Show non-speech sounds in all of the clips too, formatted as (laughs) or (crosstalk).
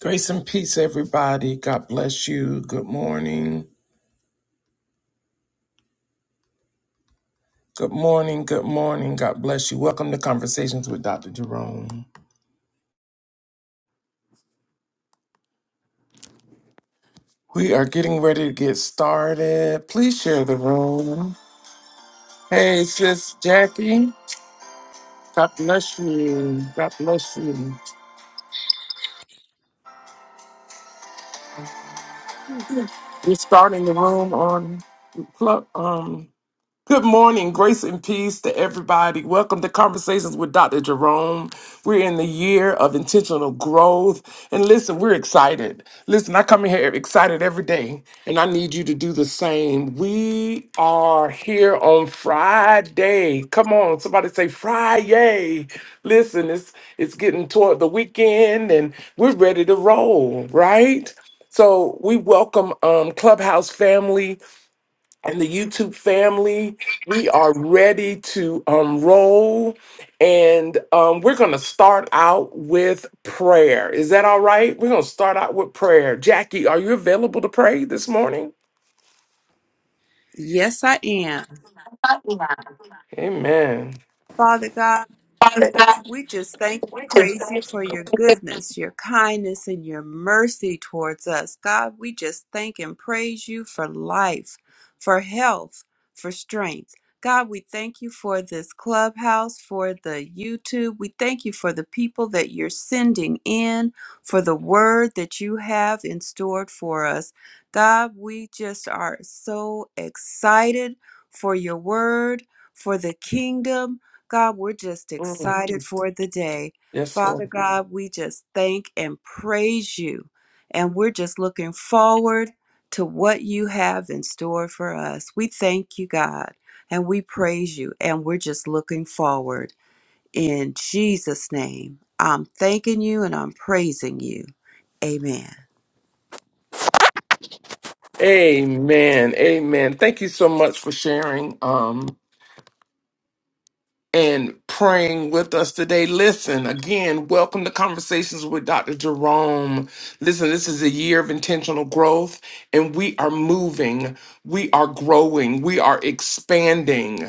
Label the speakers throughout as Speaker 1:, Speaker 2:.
Speaker 1: Grace and peace, everybody. God bless you. Good morning. Good morning. Good morning. God bless you. Welcome to Conversations with Dr. Jerome. We are getting ready to get started. Please share the room. Hey, sis Jackie. God bless you. God bless you. We're starting the room on Club. Um, Good morning, grace and peace to everybody. Welcome to Conversations with Dr. Jerome. We're in the year of intentional growth. And listen, we're excited. Listen, I come in here excited every day, and I need you to do the same. We are here on Friday. Come on, somebody say Friday. Listen, it's it's getting toward the weekend and we're ready to roll, right? So we welcome um, Clubhouse family and the YouTube family. We are ready to um, roll, and um, we're going to start out with prayer. Is that all right? We're going to start out with prayer. Jackie, are you available to pray this morning?
Speaker 2: Yes, I am.
Speaker 1: Yeah. Amen.
Speaker 2: Father God,
Speaker 1: Father God,
Speaker 2: We just thank and
Speaker 1: we just
Speaker 2: praise you
Speaker 1: thank
Speaker 2: for your
Speaker 1: you.
Speaker 2: goodness, your kindness, and your mercy towards us. God, we just thank and praise you for life, for health, for strength. God, we thank you for this clubhouse, for the YouTube. We thank you for the people that you're sending in, for the word that you have in store for us. God, we just are so excited for your word, for the kingdom. God, we're just
Speaker 1: Mm,
Speaker 2: excited for the day.
Speaker 1: yes,
Speaker 2: Father
Speaker 1: Lord.
Speaker 2: God, we just thank and praise you. And we're just looking forward to what you have in store for us. We thank you, God, and we praise you. And we're just looking forward. In Jesus' name, I'm thanking you and I'm praising you. Amen.
Speaker 1: Amen. Amen. Thank you so much for sharing. Um, and praying with us today. Listen, again, welcome to Conversations with Dr. Jerome. Listen, this is a year of intentional growth, and we are moving, we are growing, we are expanding.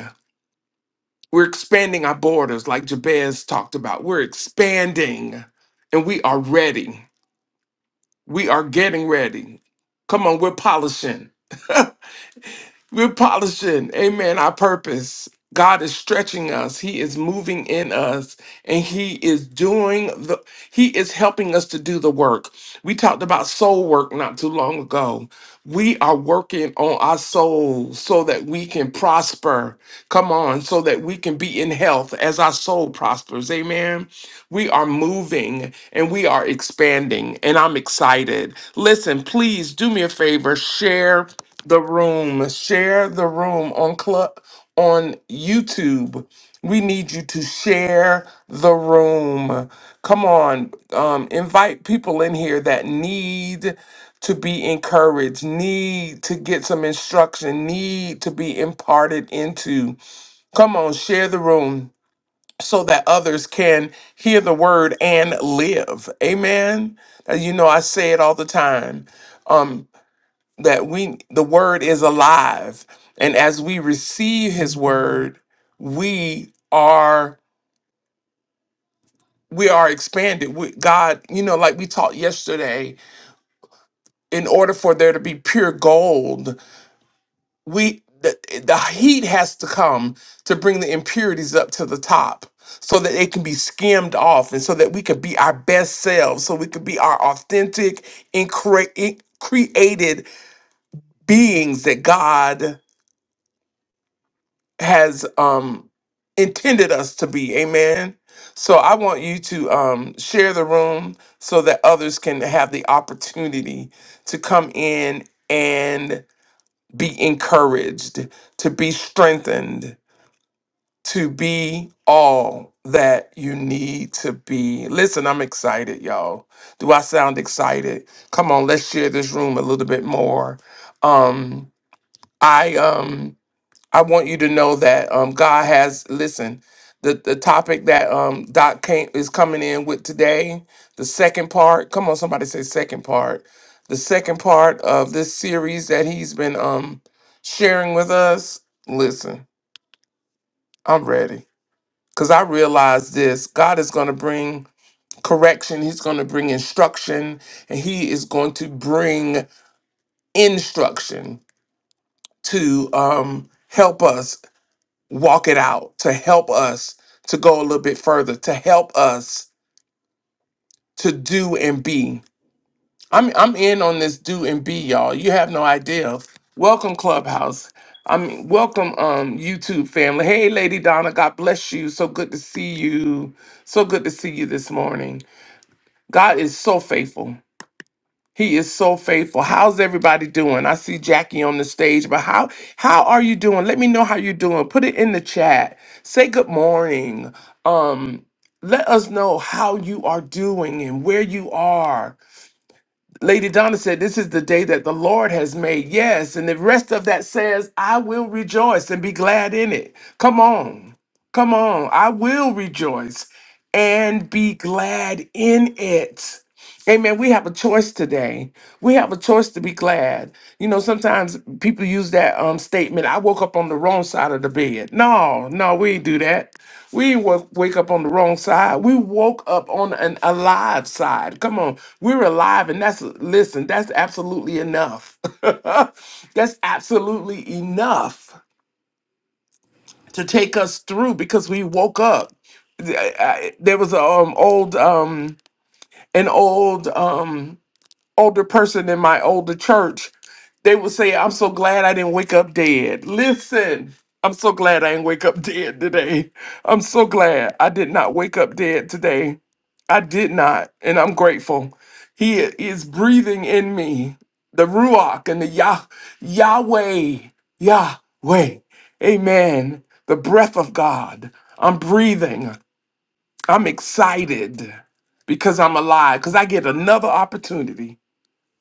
Speaker 1: We're expanding our borders, like Jabez talked about. We're expanding, and we are ready. We are getting ready. Come on, we're polishing. (laughs) We're polishing, amen, our purpose. God is stretching us. He is moving in us and he is doing the he is helping us to do the work. We talked about soul work not too long ago. We are working on our soul so that we can prosper. Come on, so that we can be in health as our soul prospers. Amen. We are moving and we are expanding, and I'm excited. Listen, please do me a favor share the room, share the room on club on YouTube. We need you to share the room. Come on, um, invite people in here that need to be encouraged, need to get some instruction, need to be imparted into. Come on, share the room so that others can hear the word and live. Amen. Uh, You know, I say it all the time. Um, that we the word is alive. And as we receive his word, we are we are expanded. We, God, you know, like we taught yesterday, in order for there to be pure gold we the, the heat has to come to bring the impurities up to the top so that they can be skimmed off and so that we could be our best selves so we could be our authentic and cre- in- created beings that god has um intended us to be amen so i want you to um share the room so that others can have the opportunity to come in and be encouraged to be strengthened to be all that you need to be. Listen, I'm excited, y'all. Do I sound excited? Come on, let's share this room a little bit more. Um, I um I want you to know that um God has listen, the, the topic that um Doc came is coming in with today, the second part. Come on, somebody say second part. The second part of this series that he's been um sharing with us. Listen, I'm ready because I realize this God is going to bring correction, He's going to bring instruction, and He is going to bring instruction to um, help us walk it out, to help us to go a little bit further, to help us to do and be. I'm, I'm in on this do and be, y'all. You have no idea. Welcome, Clubhouse. I mean, welcome, um, YouTube family. Hey, Lady Donna, God bless you. So good to see you. So good to see you this morning. God is so faithful. He is so faithful. How's everybody doing? I see Jackie on the stage, but how how are you doing? Let me know how you're doing. Put it in the chat. Say good morning. Um let us know how you are doing and where you are. Lady Donna said, This is the day that the Lord has made. Yes. And the rest of that says, I will rejoice and be glad in it. Come on. Come on. I will rejoice and be glad in it. Amen. We have a choice today. We have a choice to be glad. You know, sometimes people use that um, statement, I woke up on the wrong side of the bed. No, no, we ain't do that. We woke, wake up on the wrong side. We woke up on an alive side. Come on, we're alive, and that's listen. That's absolutely enough. (laughs) that's absolutely enough to take us through because we woke up. Th- I- I- There was a um, old um, an old um, older person in my older church, they would say, I'm so glad I didn't wake up dead. Listen, I'm so glad I didn't wake up dead today. I'm so glad I did not wake up dead today. I did not, and I'm grateful. He is breathing in me the Ruach and the Yah, Yahweh, Yahweh. Amen. The breath of God. I'm breathing. I'm excited because I'm alive, because I get another opportunity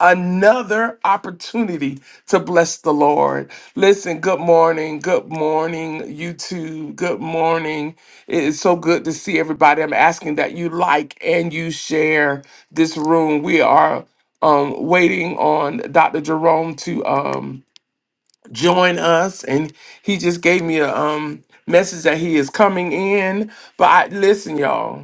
Speaker 1: another opportunity to bless the Lord. Listen, good morning. Good morning, YouTube. Good morning. It is so good to see everybody. I'm asking that you like and you share this room. We are um waiting on Dr. Jerome to um join us and he just gave me a um message that he is coming in. But I listen, y'all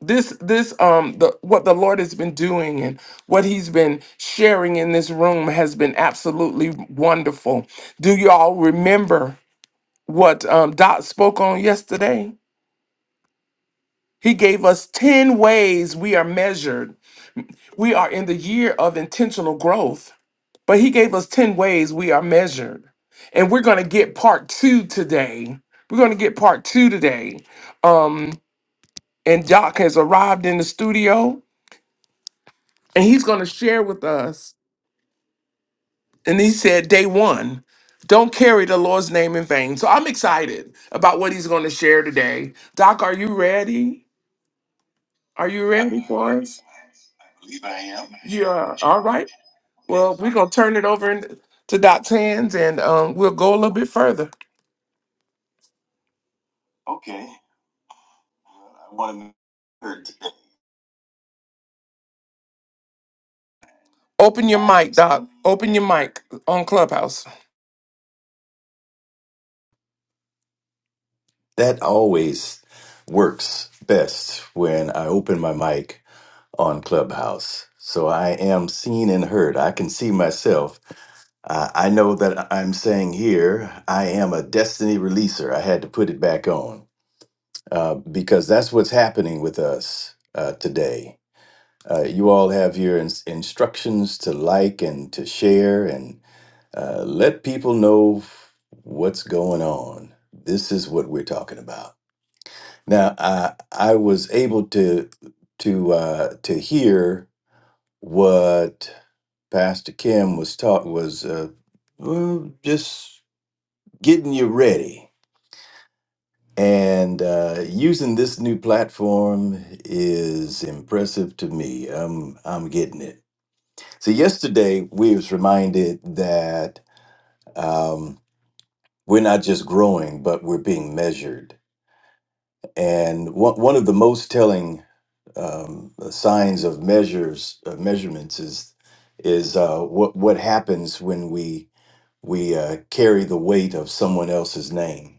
Speaker 1: this this um the what the lord has been doing and what he's been sharing in this room has been absolutely wonderful do you all remember what um dot spoke on yesterday he gave us 10 ways we are measured we are in the year of intentional growth but he gave us 10 ways we are measured and we're going to get part two today we're going to get part two today um and doc has arrived in the studio and he's going to share with us And he said, Day one, don't carry the Lord's name in vain. So I'm excited about what he's going to share today. Doc, are you ready? Are you ready for us? You are all right. Well, we're going to turn it over in- to Doc's hands and um, we'll go a little bit further. Open your mic, Doc. Open your mic on Clubhouse.
Speaker 3: That always works best when I open my mic on Clubhouse. So I am seen and heard. I can see myself. Uh, I know that I'm saying here, I am a destiny releaser. I had to put it back on uh, because that's what's happening with us uh, today. Uh, you all have your ins- instructions to like and to share and uh, let people know what's going on. This is what we're talking about. Now, I I was able to to uh, to hear what Pastor Kim was taught was uh, well, just getting you ready and uh, using this new platform is impressive to me. I'm I'm getting it. So yesterday we was reminded that um, we're not just growing, but we're being measured. And one one of the most telling um, signs of measures of measurements is is uh, what what happens when we we uh, carry the weight of someone else's name.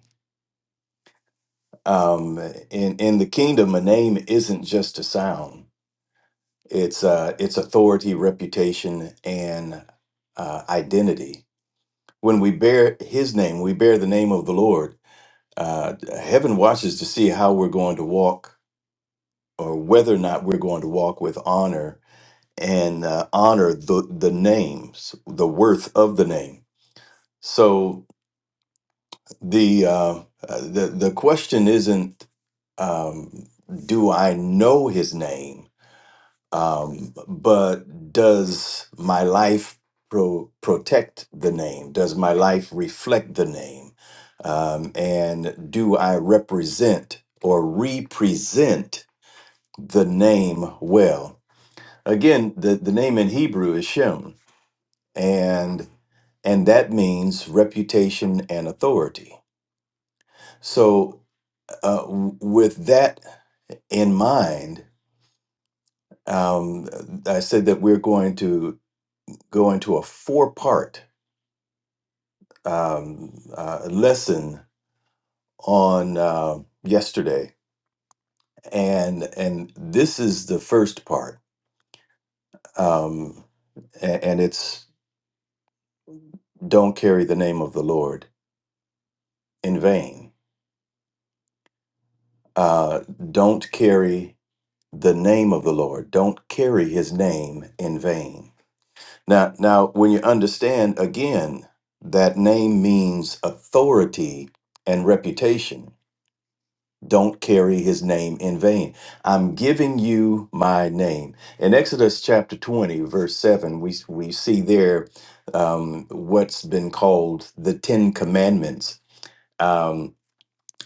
Speaker 3: Um, in in the kingdom, a name isn't just a sound; it's uh, it's authority, reputation, and uh, identity. When we bear His name, we bear the name of the Lord. Uh, heaven watches to see how we're going to walk, or whether or not we're going to walk with honor and uh, honor the the names, the worth of the name. So the uh, uh, the the question isn't um, do I know his name, um, but does my life pro- protect the name? Does my life reflect the name? Um, and do I represent or represent the name well? Again, the, the name in Hebrew is Shem. And and that means reputation and authority. So, uh, w- with that in mind, um, I said that we're going to go into a four-part um, uh, lesson on uh, yesterday, and and this is the first part, um, and, and it's don't carry the name of the Lord in vain. Uh, don't carry the name of the Lord. Don't carry his name in vain. Now, now when you understand again that name means authority and reputation. Don't carry his name in vain. I'm giving you my name. In Exodus chapter 20, verse 7, we, we see there um, what's been called the Ten Commandments. Um,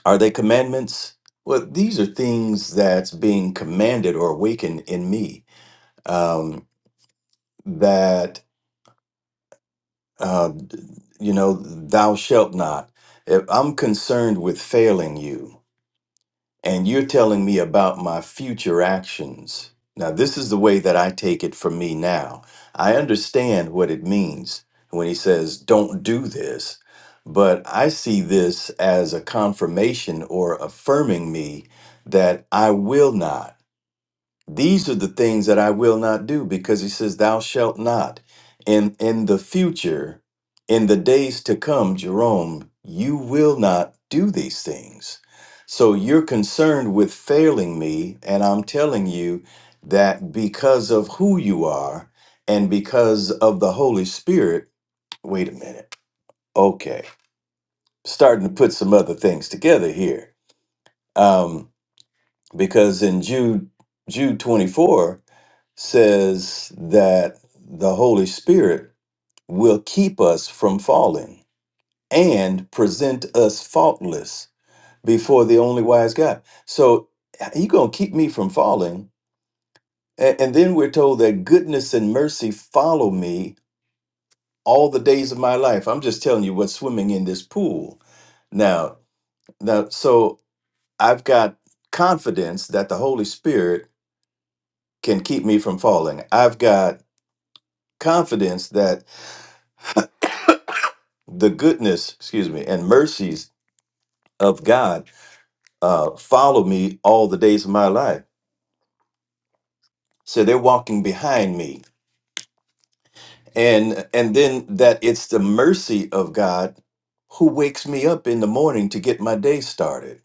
Speaker 3: are they commandments? Well, these are things that's being commanded or awakened in me um, that uh, you know thou shalt not if i'm concerned with failing you and you're telling me about my future actions now this is the way that i take it from me now i understand what it means when he says don't do this but i see this as a confirmation or affirming me that i will not These are the things that I will not do because he says, Thou shalt not. And in the future, in the days to come, Jerome, you will not do these things. So you're concerned with failing me. And I'm telling you that because of who you are and because of the Holy Spirit, wait a minute. Okay. Starting to put some other things together here. Um, because in Jude, Jude 24, says that the Holy Spirit will keep us from falling and present us faultless before the only wise God. So He gonna keep me from falling. A- And then we're told that goodness and mercy follow me all the days of my life. I'm just telling you what's swimming in this pool. Now, now so I've got confidence that the Holy Spirit can keep me from falling. I've got confidence that the goodness, excuse me, and mercies of God uh, follow me all the days of my life. So they're walking behind me, and and then that it's the mercy of God who wakes me up in the morning to get my day started.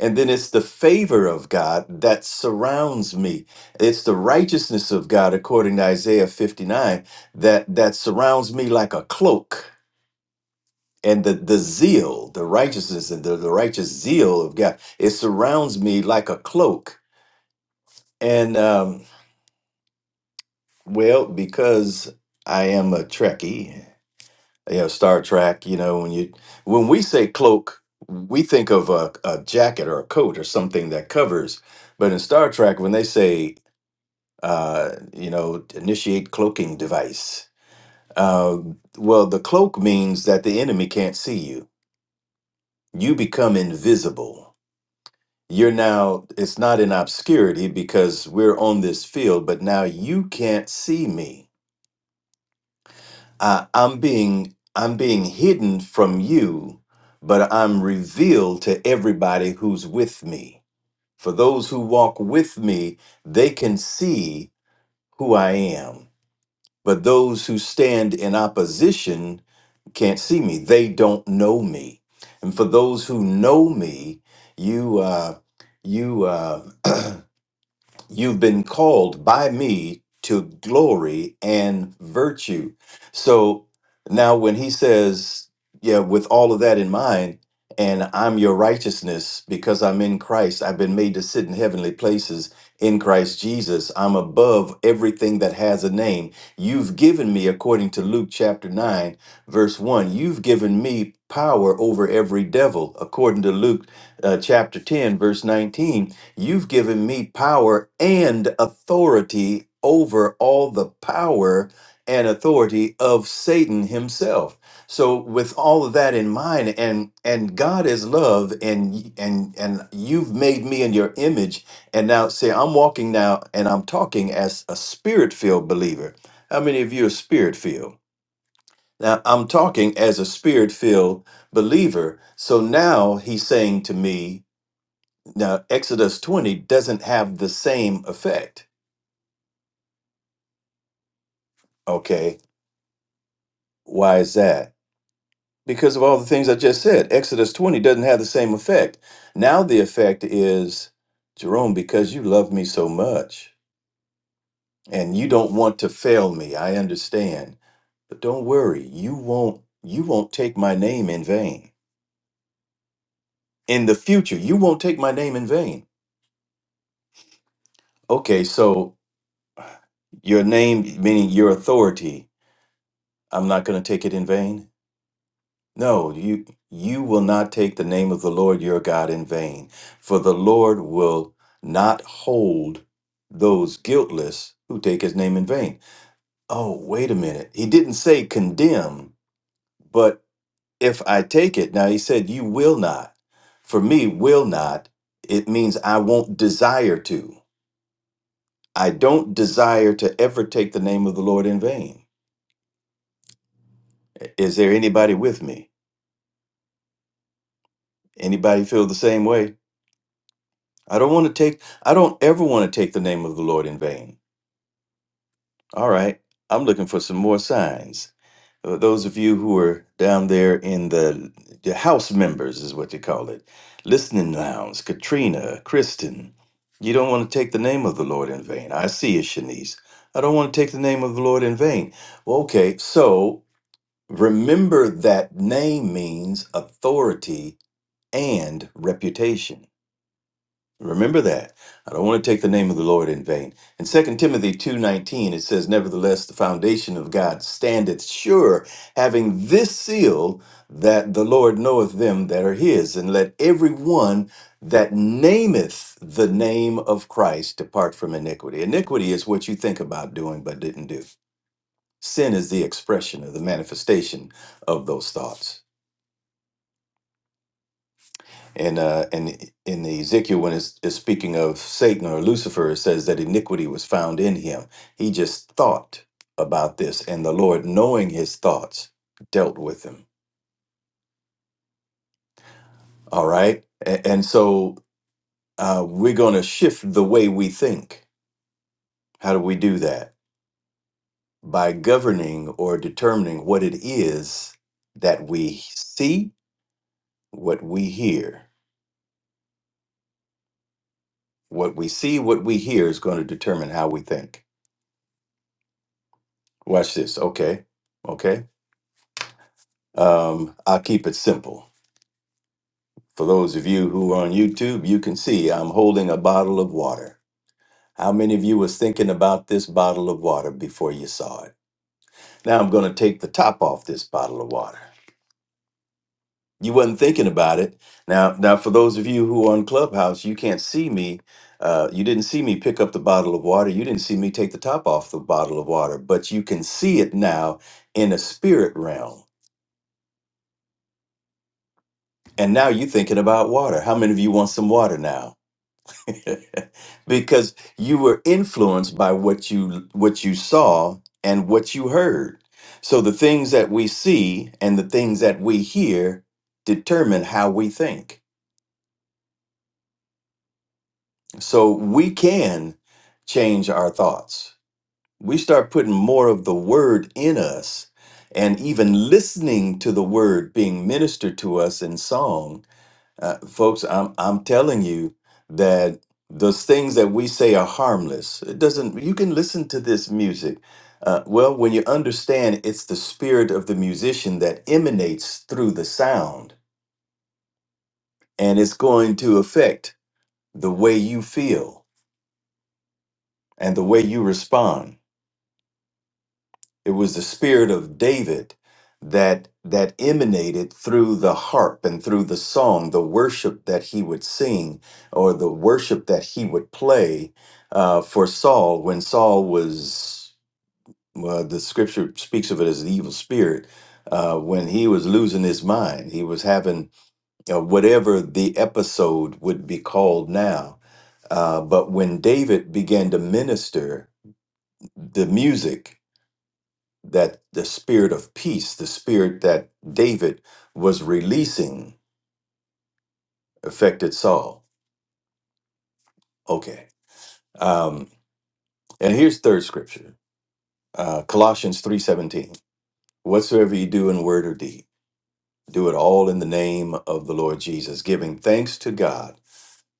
Speaker 3: And then it's the favor of God that surrounds me. It's the righteousness of God, according to Isaiah 59, that, that surrounds me like a cloak and the the zeal, the righteousness, and the, the righteous zeal of God, it surrounds me like a cloak. And um, well, because I am a Trekkie, you know, Star Trek. You know, when you when we say cloak, we think of a, a jacket or a coat or something that covers. But in Star Trek, when they say, uh, you know, initiate cloaking device, uh, well, the cloak means that the enemy can't see you. You become invisible you're now it's not in obscurity because we're on this field but now you can't see me I, i'm being i'm being hidden from you but i'm revealed to everybody who's with me for those who walk with me they can see who i am but those who stand in opposition can't see me they don't know me and for those who know me you uh you uh, You've been called by me to glory and virtue. So now, when he says, Yeah, with all of that in mind, and I'm your righteousness because I'm in Christ, I've been made to sit in heavenly places in Christ Jesus. I'm above everything that has a name. You've given me, according to Luke chapter 9, verse 1, you've given me power over every devil, according to Luke uh, chapter 10, verse 19 You've given me power and authority over all the power and authority of Satan himself. So with all of that in mind and and God is love and and and you've made me in your image and now say I'm walking now and I'm talking as a spirit-filled believer. How many of you are spirit-filled? Now I'm talking as a spirit-filled believer. So now he's saying to me, now, Exodus 20 doesn't have the same effect. Okay. Why is that? Because of all the things I just said. Exodus 20 doesn't have the same effect. Now, the effect is Jerome, because you love me so much and you don't want to fail me. I understand. But don't worry, you won't you won't take my name in vain. In the future, you won't take my name in vain. Okay, so your name meaning your authority, I'm not going to take it in vain. No, you you will not take the name of the Lord your God in vain, for the Lord will not hold those guiltless who take his name in vain. Oh, wait a minute. He didn't say condemn, but if I take it, now he said you will not. For me, will not, it means I won't desire to. I don't desire to ever take the name of the Lord in vain. Is there anybody with me? Anybody feel the same way? I don't want to take, I don't ever want to take the name of the Lord in vain. All right. I'm looking for some more signs. Uh, Those of you who are down there in the, the house members, is what you call it, listening lounge, Katrina, Kristen, you don't want to take the name of the Lord in vain. I see you, Shanice. I don't want to take the name of the Lord in vain. Well, okay. So remember that name means authority and reputation. Remember that. I don't want to take the name of the Lord in vain. In Second Timothy 2:19 it says nevertheless the foundation of God standeth sure having this seal that the Lord knoweth them that are his and let every one that nameth the name of Christ depart from iniquity. Iniquity is what you think about doing but didn't do. Sin is the expression or the manifestation of those thoughts. And uh, and in Ezekiel, when it's, it's speaking of Satan or Lucifer, it says that iniquity was found in him. He just thought about this, and the Lord, knowing his thoughts, dealt with him. All right, A- and so uh, we're going to shift the way we think. How do we do that? By governing or determining what it is that we see, what we hear. What we see, what we hear is going to determine how we think. Watch this. Okay. Okay Um, I'll keep it simple. For those of you who are on YouTube, you can see I'm holding a bottle of water. How many of you was thinking about this bottle of water before you saw it? Now I'm going to take the top off this bottle of water. You wasn't thinking about it. Now, now for those of you who are on Clubhouse, you can't see me. Uh, you didn't see me pick up the bottle of water. You didn't see me take the top off the bottle of water, but you can see it now in a spirit realm. And now you're thinking about water. How many of you want some water now? (laughs) because you were influenced by what you what you saw and what you heard so the things that we see and the things that we hear determine how we think so we can change our thoughts we start putting more of the word in us and even listening to the word being ministered to us in song Uh, folks, I'm I'm telling you that those things that we say are harmless. It doesn't. You can listen to this music. Uh, well, when you understand, it's the spirit of the musician that emanates through the sound, and it's going to affect the way you feel and the way you respond. It was the spirit of David that that emanated through the harp and through the song, the worship that he would sing or the worship that he would play uh, for Saul when Saul was well, the scripture speaks of it as the evil spirit. Uh, when he was losing his mind, he was having uh, whatever the episode would be called now. Uh, but when David began to minister the music that the spirit of peace, the spirit that David was releasing, affected Saul. Okay. Um, and here's third scripture, uh, Colossians three seventeen. Whatsoever you do in word or deed, do it all in the name of the Lord Jesus, giving thanks to God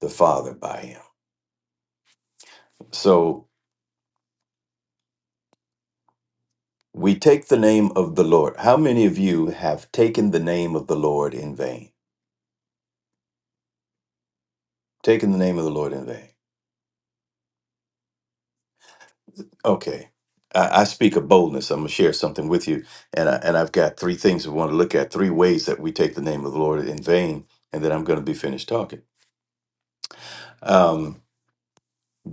Speaker 3: the Father by Him. So we take the name of the Lord. How many of you have taken the name of the Lord in vain? Taken the name of the Lord in vain. Okay. I, I speak of boldness. I'm going to share something with you. And, I, and I've got three things we want to look at, three ways that we take the name of the Lord in vain. And then I'm going to be finished talking. Um,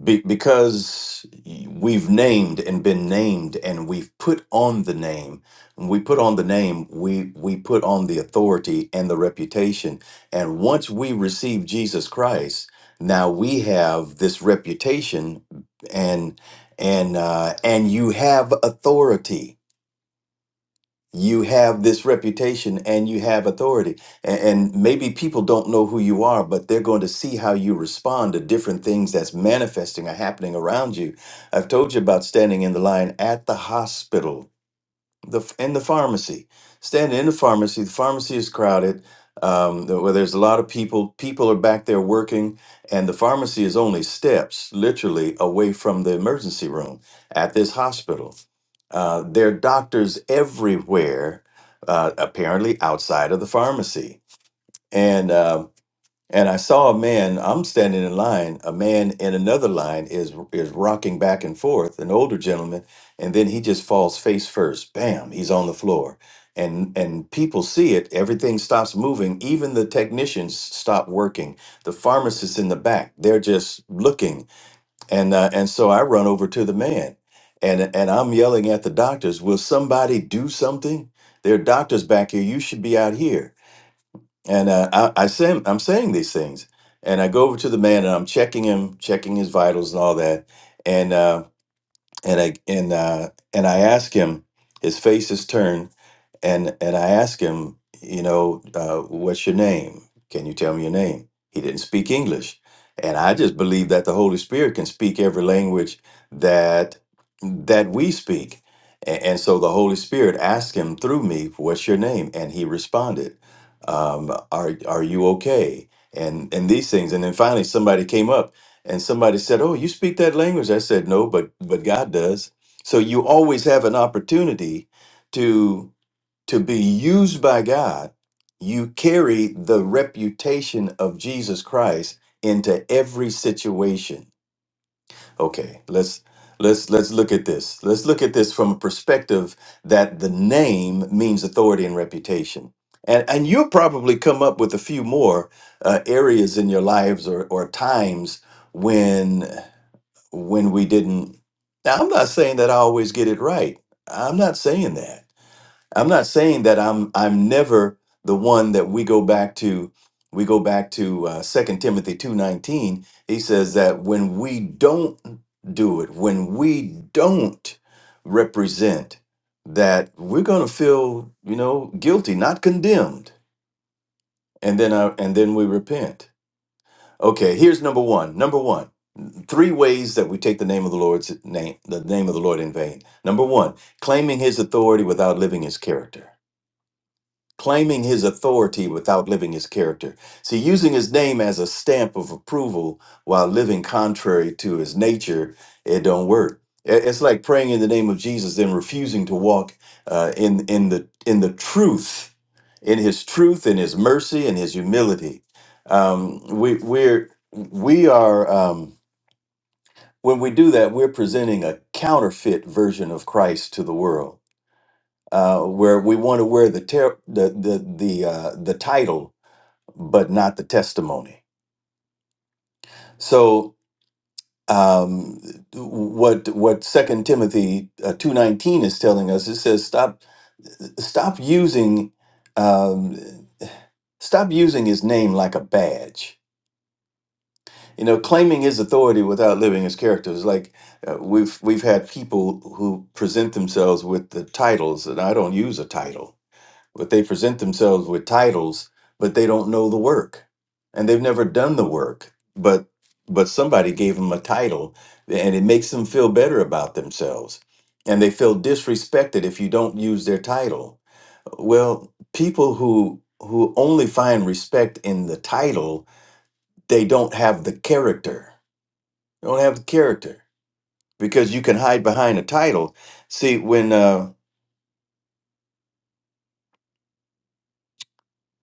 Speaker 3: be- because we've named and been named and we've put on the name when we put on the name we we put on the authority and the reputation and once we receive jesus christ now we have this reputation and and uh, and you have authority you have this reputation and you have authority and, and maybe people don't know who you are but they're going to see how you respond to different things that's manifesting or happening around you i've told you about standing in the line at the hospital the in the pharmacy standing in the pharmacy the pharmacy is crowded um, the- where there's a lot of people people are back there working and the pharmacy is only steps literally away from the emergency room at this hospital uh, there are doctors everywhere uh, apparently outside of the pharmacy and. um, and I saw a man. I'm standing in line. A man in another line is is rocking back and forth, an older gentleman, and then he just falls face first. Bam! He's on the floor, and and people see it. Everything stops moving. Even the technicians stop working. The pharmacists in the back, they're just looking, and uh, and so I run over to the man, and and I'm yelling at the doctors. Will somebody do something? There are doctors back here. You should be out here and uh, I, I say, I'm saying these things, and I go over to the man, and I'm checking him, checking his vitals and all that, and uh, and I and uh, and I ask him. His face is turned, and and I asked him, you know, uh, what's your name? Can you tell me your name? He didn't speak English, and I just believe that the Holy Spirit can speak every language that that we speak, and, and so the Holy Spirit asked him through me, "What's your name?" And he responded, um, "Are are you okay?" And and these things, and then finally somebody came up and somebody said, "Oh, you speak that language?" I said, "No, but but God does." So you always have an opportunity to be used by God, you carry the reputation of Jesus Christ into every situation. Okay, let's let's let's look at this. Let's look at this from a perspective that the name means authority and reputation. And, and you'll probably come up with a few more uh, areas in your lives or, or times when when we didn't. Now, I'm not saying that I always get it right. I'm not saying that. I'm not saying that I'm I'm never the one that we go back to. We go back to uh, 2 Timothy 2:19. He says that when we don't do it, when we don't represent, that we're going to feel, you know, guilty, not condemned. And then uh, and then we repent. Okay, here's number 1. Number 1. Three ways that we take the name of the Lord's name, the name of the Lord in vain. Number 1, claiming his authority without living his character. claiming his authority without living his character. See, using his name as a stamp of approval while living contrary to his nature, it don't work. It- It's like praying in the name of Jesus and refusing to walk uh, in in the in the truth, in His truth, in His mercy, and His humility. Um, we we're we are um, when we do that, we're presenting a counterfeit version of Christ to the world uh, where we want to wear the ter- the the the, uh, the title, but not the testimony. So um, what what Second Timothy uh, two nineteen is telling us, it says stop stop using um, stop using his name like a badge. You know, claiming his authority without living his character is like uh, we've we've had people who present themselves with the titles, and I don't use a title but they present themselves with titles but they don't know the work and they've never done the work but but somebody gave them a title and it makes them feel better about themselves and they feel disrespected if you don't use their title well people who who only find respect in the title they don't have the character they don't have the character because you can hide behind a title see when uh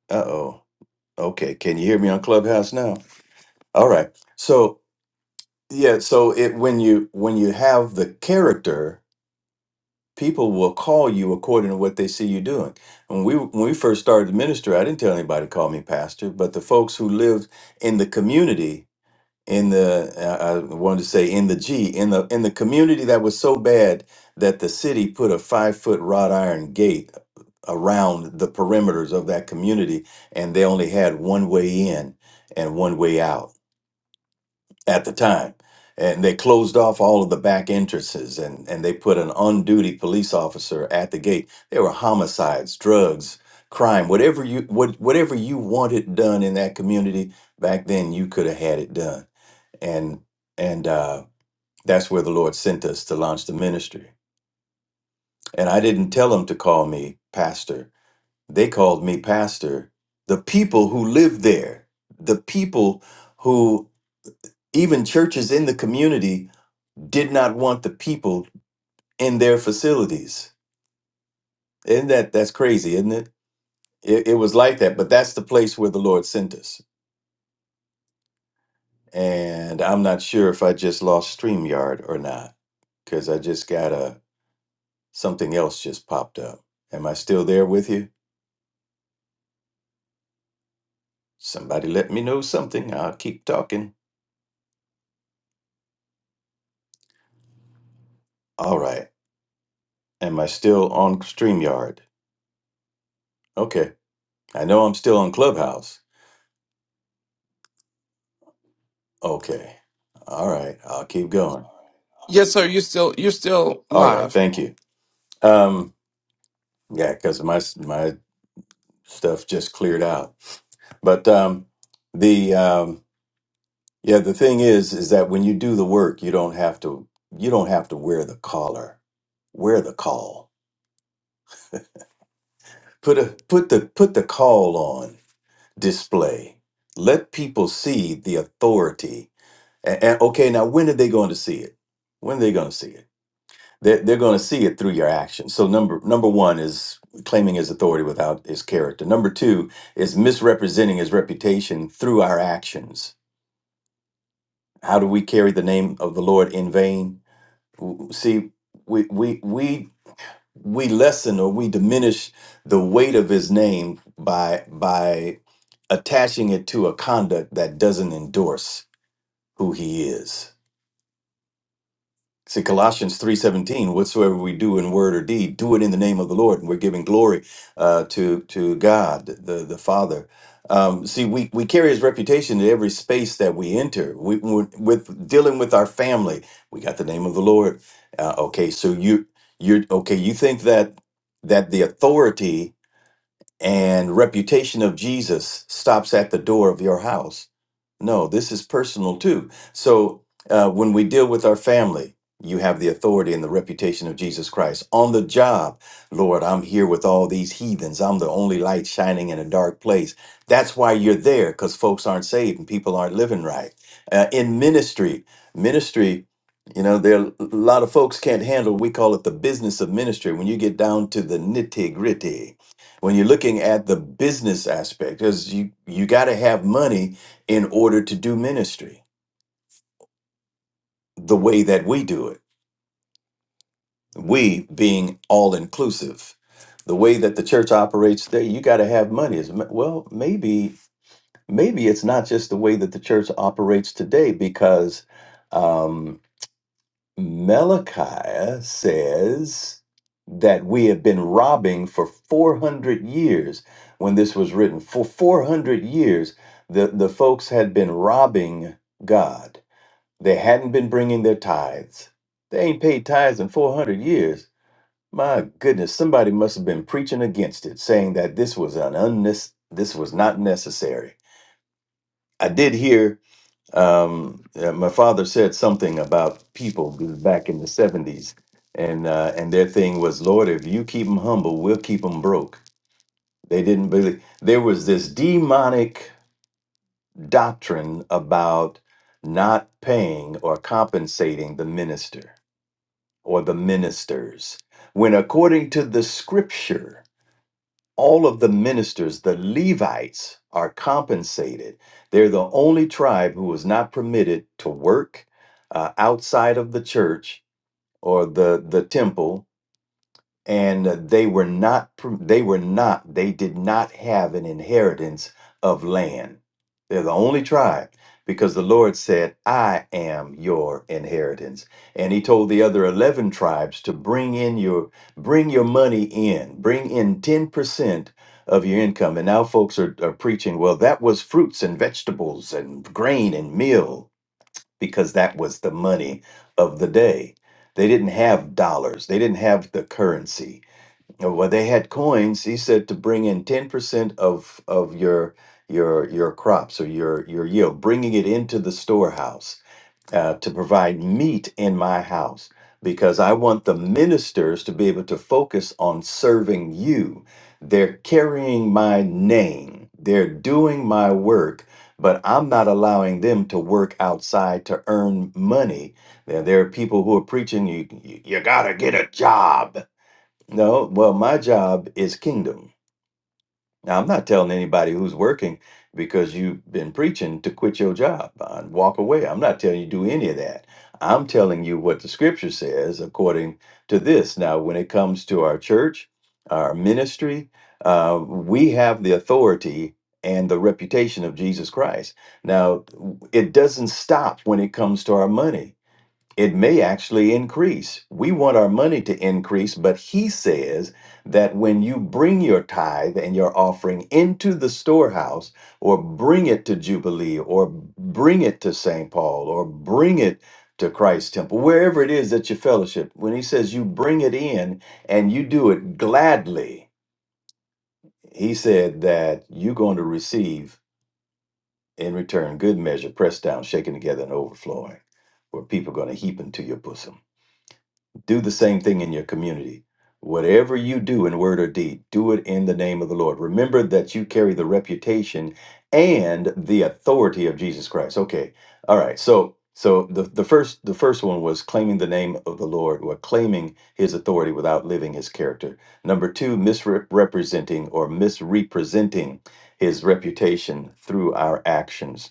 Speaker 3: uh-oh okay can you hear me on clubhouse now all right. So Yeah, so it when you when you have the character, people will call you according to what they see you doing. When we when we first started to minister, I didn't tell anybody to call me pastor, but the folks who lived in the community, in the uh, I wanted to say in the G, in the in the community that was so bad that the city put a five foot wrought iron gate around the perimeters of that community, and they only had one way in and one way out at the time. And they closed off all of the back entrances and, and they put an on duty police officer at the gate. There were homicides, drugs, crime, whatever you what, whatever you wanted done in that community back then, you could have had it done. And and uh, that's where the Lord sent us to launch the ministry. And I didn't tell them to call me pastor. They called me pastor. The people who lived there, the people who even churches in the community did not want the people in their facilities. Isn't that that's crazy, isn't it? It, it was like that, but that's the place where the Lord sent us. And I'm not sure if I just lost StreamYard or not because I just got a something else just popped up. Am I still there with you? Somebody let me know something. I'll keep talking. All right. Am I still on StreamYard? Okay. I know I'm still on Clubhouse. Okay. All right. I'll keep going.
Speaker 1: Yes, sir. You're still you're still
Speaker 3: All right.
Speaker 1: live.
Speaker 3: Thank you. Um, Yeah, because my my stuff just cleared out. But um, the um, yeah, the thing is, is that when you do the work, you don't have to you don't have to wear the collar. Wear the call. Put a put the put the call on display. Let people see the authority. And, and okay, now when are they going to see it? When are they going to see it? They're, they're going to see it through your actions. So number number one is claiming his authority without his character. Number two is misrepresenting his reputation through our actions. How do we carry the name of the Lord in vain? W- See, we we we we lessen or we diminish the weight of his name by by attaching it to a conduct that doesn't endorse who he is See Colossians three seventeen. Whatsoever we do in word or deed, do it in the name of the Lord, and we're giving glory uh, to to God, the the Father. Um, see, we we carry His reputation in every space that we enter. We we- with dealing with our family, we got the name of the Lord. Uh, okay, so you you're okay. You think that that the authority and reputation of Jesus stops at the door of your house? No, this is personal too. So uh, when we deal with our family, you have the authority and the reputation of Jesus Christ. On the job, Lord, I'm here with all these heathens. I'm the only light shining in a dark place. That's why you're there, because folks aren't saved and people aren't living right. Uh, in ministry, ministry, you know, there are a lot of folks can't handle, we call it the business of ministry. When you get down to the nitty gritty, when you're looking at the business aspect, because you, you got to have money in order to do ministry the way that we do it. We being all inclusive. The way that the church operates there, you got to have money. Is well, maybe maybe it's not just the way that the church operates today because um, Malachi says that we have been robbing for 400 years when this was written. For 400 years, the, the folks had been robbing God They hadn't been bringing their tithes. They ain't paid tithes in 400 years. My goodness, somebody must have been preaching against it, saying that this was an unnes- this was not necessary. I did hear um, uh, my father said something about people back in the 70s, and uh, and their thing was, Lord, if you keep them humble, we'll keep them broke. They didn't believe. There was this demonic doctrine about not paying or compensating the minister or the ministers, when according to the scripture, all of the ministers, the Levites, are compensated. They're the only tribe who is not permitted to work uh, outside of the church or the, the temple and uh, they were not pr- they were not they did not have an inheritance of land they're the only tribe because the lord said i am your inheritance and he told the other 11 tribes to bring in your bring your money in bring in 10% of your income and now folks are, are preaching well that was fruits and vegetables and grain and meal because that was the money of the day they didn't have dollars they didn't have the currency uh, Well, they had coins. He said to bring in ten percent of of your your your crops or your your yield, bringing it into the storehouse uh, to provide meat in my house, because I want the ministers to be able to focus on serving you. They're carrying my name. They're doing my work, but I'm not allowing them to work outside to earn money. There, there are people who are preaching you you, you got to get a job no, well, my job is kingdom. Now, I'm not telling anybody who's working because you've been preaching to quit your job and walk away. I'm not telling you do any of that. I'm telling you what the scripture says according to this. Now, when it comes to our church, our ministry, uh, we have the authority and the reputation of Jesus Christ. Now, it doesn't stop when it comes to our money it may actually increase. We want our money to increase, but he says that when you bring your tithe and your offering into the storehouse, or bring it to Jubilee, or bring it to St. Paul, or bring it to Christ's temple, wherever it is that you fellowship, when he says you bring it in and you do it gladly, he said that you're going to receive in return good measure, pressed down, shaken together, and overflowing, where people are going to heap into your bosom do the same thing in your community. Whatever you do in word or deed, do it in the name of the Lord. Remember that you carry the reputation and the authority of Jesus Christ. Okay. All right. So so the, the first the first one was claiming the name of the Lord or claiming his authority without living his character. Number two, misrepresenting or misrepresenting his reputation through our actions.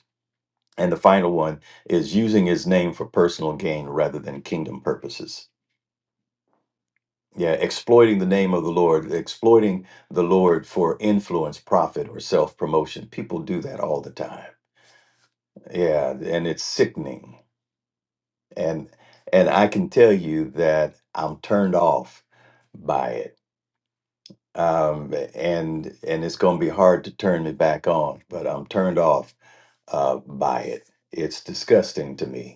Speaker 3: And the final one is using his name for personal gain rather than kingdom purposes. Yeah, exploiting the name of the Lord, exploiting the Lord for influence, profit, or self promotion. People do that all the time. Yeah, and it's sickening. And and I can tell you that I'm turned off by it. Um, and and it's going to be hard to turn me back on, but I'm turned off uh, by it. It's disgusting to me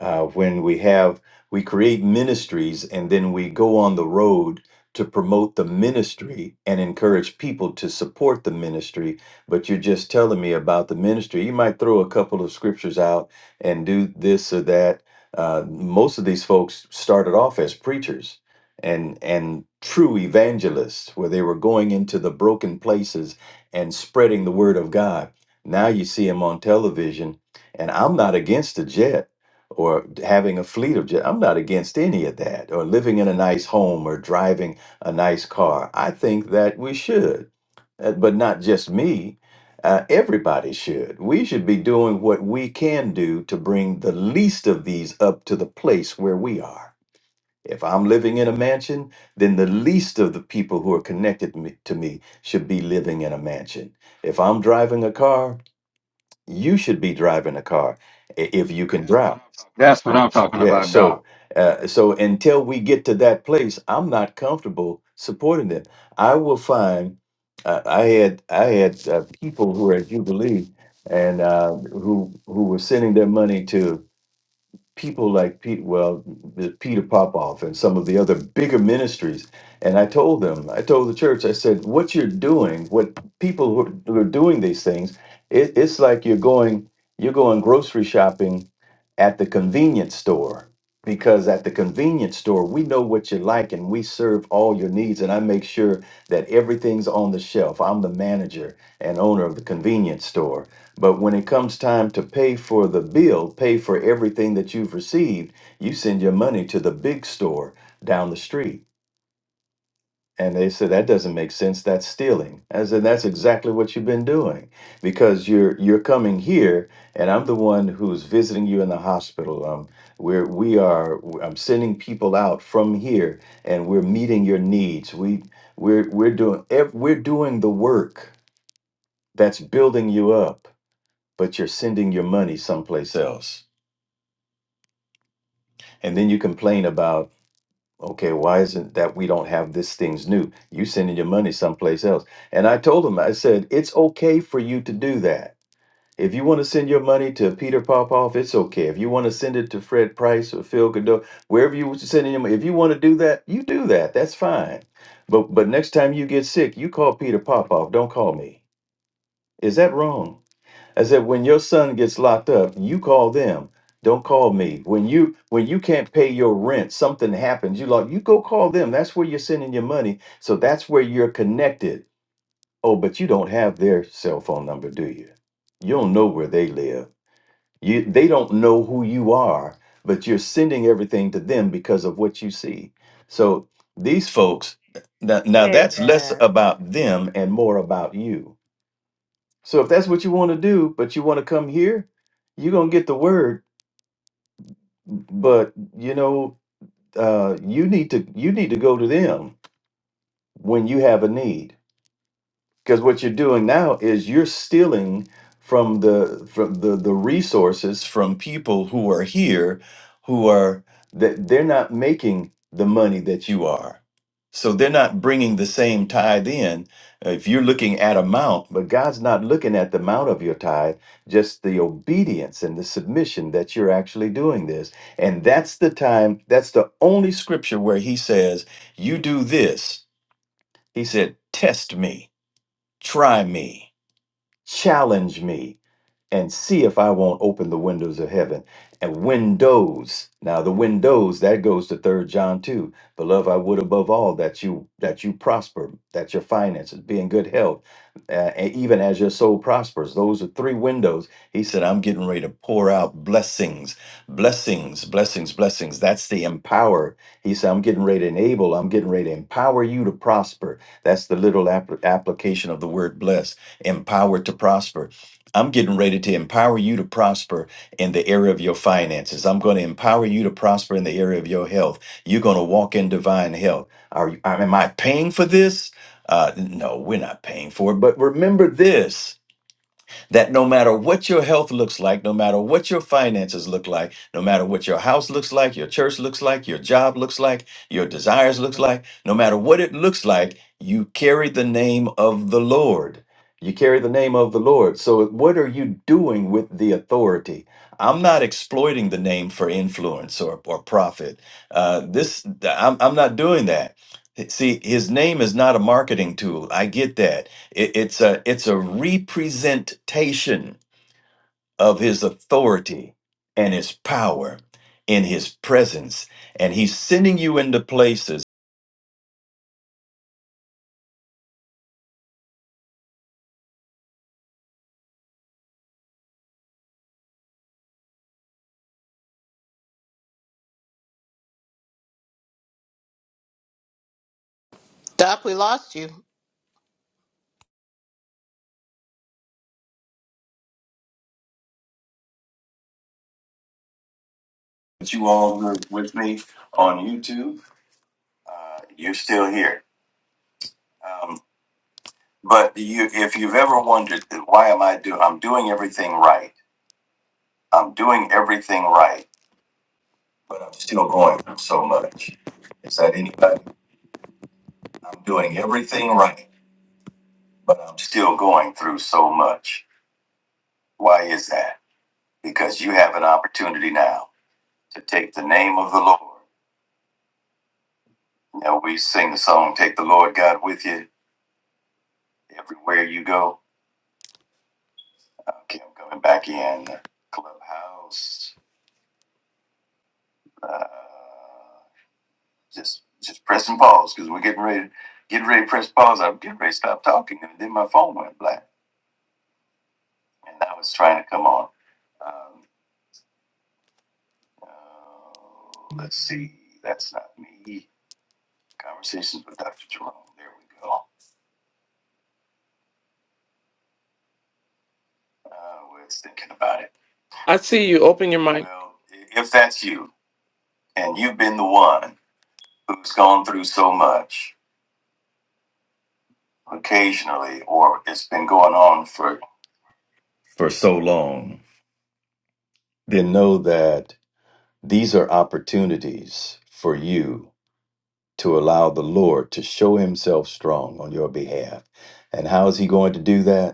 Speaker 3: uh, when we have we create ministries and then we go on the road to promote the ministry and encourage people to support the ministry but you're just telling me about the ministry you might throw a couple of scriptures out and do this or that uh, most of these folks started off as preachers and and true evangelists where they were going into the broken places and spreading the word of god now you see them on television and i'm not against the jet or having a fleet of jet. I'm not against any of that, or living in a nice home or driving a nice car. I think that we should, Uh, but not just me. Uh, everybody should. We should be doing what we can do to bring the least of these up to the place where we are. If I'm living in a mansion, then the least of the people who are connected me- to me should be living in a mansion. If I'm driving a car, you should be driving a car i- if you can That's what drive. I'm talking
Speaker 4: That's what I'm talking
Speaker 3: about, Doc. Yeah.
Speaker 4: about, Doc.
Speaker 3: So, uh, so until we get to that place, I'm not comfortable supporting them. I will find. Uh, I had I had uh, people who were at Jubilee and uh, who who were sending their money to people like Pete, well, the Peter Popoff and some of the other bigger ministries. And I told them, I told the church, I said, what you're doing, what people who are, who are doing these things, it, it's like you're going, you're going grocery shopping at the convenience store because at the convenience store we know what you like and we serve all your needs and i make sure that everything's on the shelf i'm the manager and owner of the convenience store but when it comes time to pay for the bill, pay for everything that you've received, you send your money to the big store down the street. And they said that doesn't make sense. That's stealing. I said that's exactly what you've been doing because you're you're coming here, and I'm the one who's visiting you in the hospital. Um, we're we are I'm sending people out from here, and we're meeting your needs. We we're we're doing ev- we're doing the work that's building you up but you're sending your money someplace else. And then you complain about, okay, why isn't that we don't have this thing's new? You sending your money someplace else. And I told him, I said, it's okay for you to do that. If you want to send your money to Peter Popoff, it's okay. If you want to send it to Fred Price or Phil Godot, wherever you were sending your money, if you want to do that, you do that. That's fine. But but next time you get sick, you call Peter Popoff. Don't call me. Is that wrong? I said, when your son gets locked up, you call them. Don't call me. When you when you can't pay your rent, something happens. You like you go call them. That's where you're sending your money. So that's where you're connected. Oh, but you don't have their cell phone number, do you? You don't know where they live. You they don't know who you are, but you're sending everything to them because of what you see. So these folks now, now
Speaker 5: Hey,
Speaker 3: that's less
Speaker 5: Dad.
Speaker 3: about them and more about you so if that's what you want to do, but you want to come here, you're gonna get the word. But you know, uh, you need to you need to go to them when you have a need. Because what you're doing now is you're stealing from the from the the resources from people who are here who are that they're not making the money that you are. So they're not bringing the same tithe in. Uh, If you're looking at amount, but God's not looking at the amount of your tithe, just the obedience and the submission that you're actually doing this. And that's the time, that's the only scripture where he says, You do this. He said, Test me Try me, challenge me and see if I won't open the windows of heaven. And windows. Now the windows that goes to third John 2. Beloved, I would above all that you that you prosper, that your finances be in good health, uh, and even as your soul prospers. Those are three windows. He said, I'm getting ready to pour out blessings, blessings, blessings, blessings. That's the empower. He said, I'm getting ready to enable, I'm getting ready to empower you to prosper. That's the literal app- application of the word bless, empowered to prosper. I'm getting ready to empower you to prosper in the area of your finances. I'm going to empower you to prosper in the area of your health. You're going to walk in divine health. Are you, am I paying for this? Uh, no, we're not paying for it. But remember this that no matter what your health looks like, no matter what your finances look like, no matter what your house looks like, your church looks like, your job looks like, your desires looks like, no matter what it looks like, you carry the name of the Lord. You carry the name of the Lord. So what are you doing with the authority? I'm not exploiting the name for influence or, or profit. Uh, this I'm, I'm not doing that. See, his name is not a marketing tool. I get that it- it's a it's a representation of his authority and his power in his presence and he's sending you into places
Speaker 6: Doc, we lost you.
Speaker 1: But you, if you've ever wondered, why am I doing? I'm doing everything right. I'm doing everything right, but I'm still going through so much. Is that anybody? I'm doing everything right, but I'm still going through so much. Why is that? Because you have an opportunity now to take the name of the Lord. Now we sing the song, "Take the Lord God with you everywhere you go." Okay, I'm coming back in clubhouse. Uh, Just just pressing pause because we're getting ready getting ready to press pause. I'm getting ready to stop talking, and then my phone went black, and I was trying to come on. Um, uh, let's see, that's not me. Conversations with Dr. Jerome. There we go. Uh, we're thinking about it. I see you. Open your mic. Well, if that's you and you've been the one who's gone through so much occasionally, or it's been going on for
Speaker 3: for so long then know that these are opportunities for you to allow the lord to show himself strong on your behalf and how is he going to do that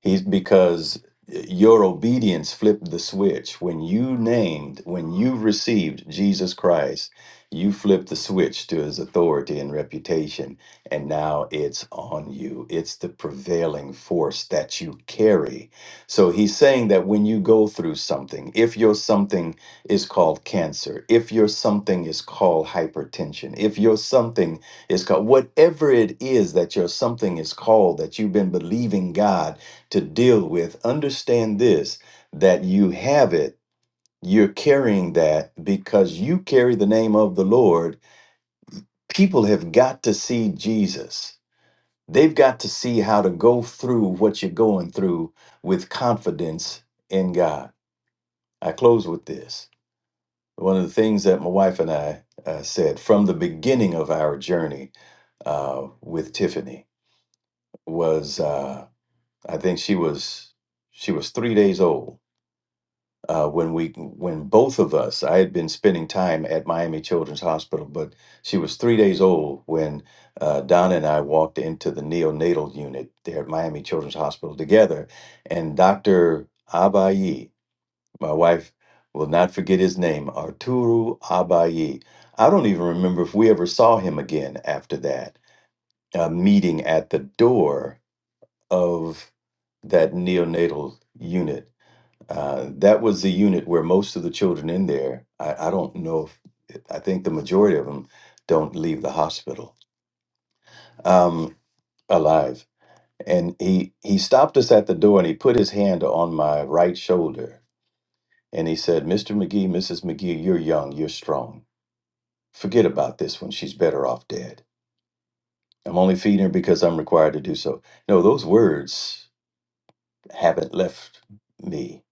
Speaker 3: He's because your obedience flipped the switch. When you named, when you received Jesus Christ, you flipped the switch to his authority and reputation. And now it's on you. It's the prevailing force that you carry. So he's saying that when you go through something, if your something is called cancer, if your something is called hypertension, if your something is called whatever it is that your something is called that you've been believing God to deal with, understand this that you have it. You're carrying that because you carry the name of the Lord. People have got to see Jesus. They've got to see how to go through what you're going through with confidence in God. I close with this. One of the things that my wife and I uh, said from the beginning of our journey uh, with Tiffany was uh, I think she was she was three days old uh, when we when both of us i had been spending time at miami children's hospital but she was three days old when uh, donna and i walked into the neonatal unit there at miami children's hospital together and dr abayi my wife will not forget his name arturo abayi i don't even remember if we ever saw him again after that uh, meeting at the door of that neonatal unit uh, that was the unit where most of the children in there, I, I don't know if, I think the majority of them don't leave the hospital um, alive. And he, he stopped us at the door and he put his hand on my right shoulder and he said, Mr. McGee, Mrs. McGee, you're young, you're strong. Forget about this one. She's better off dead. I'm only feeding her because I'm required to do so. No, those words haven't left me,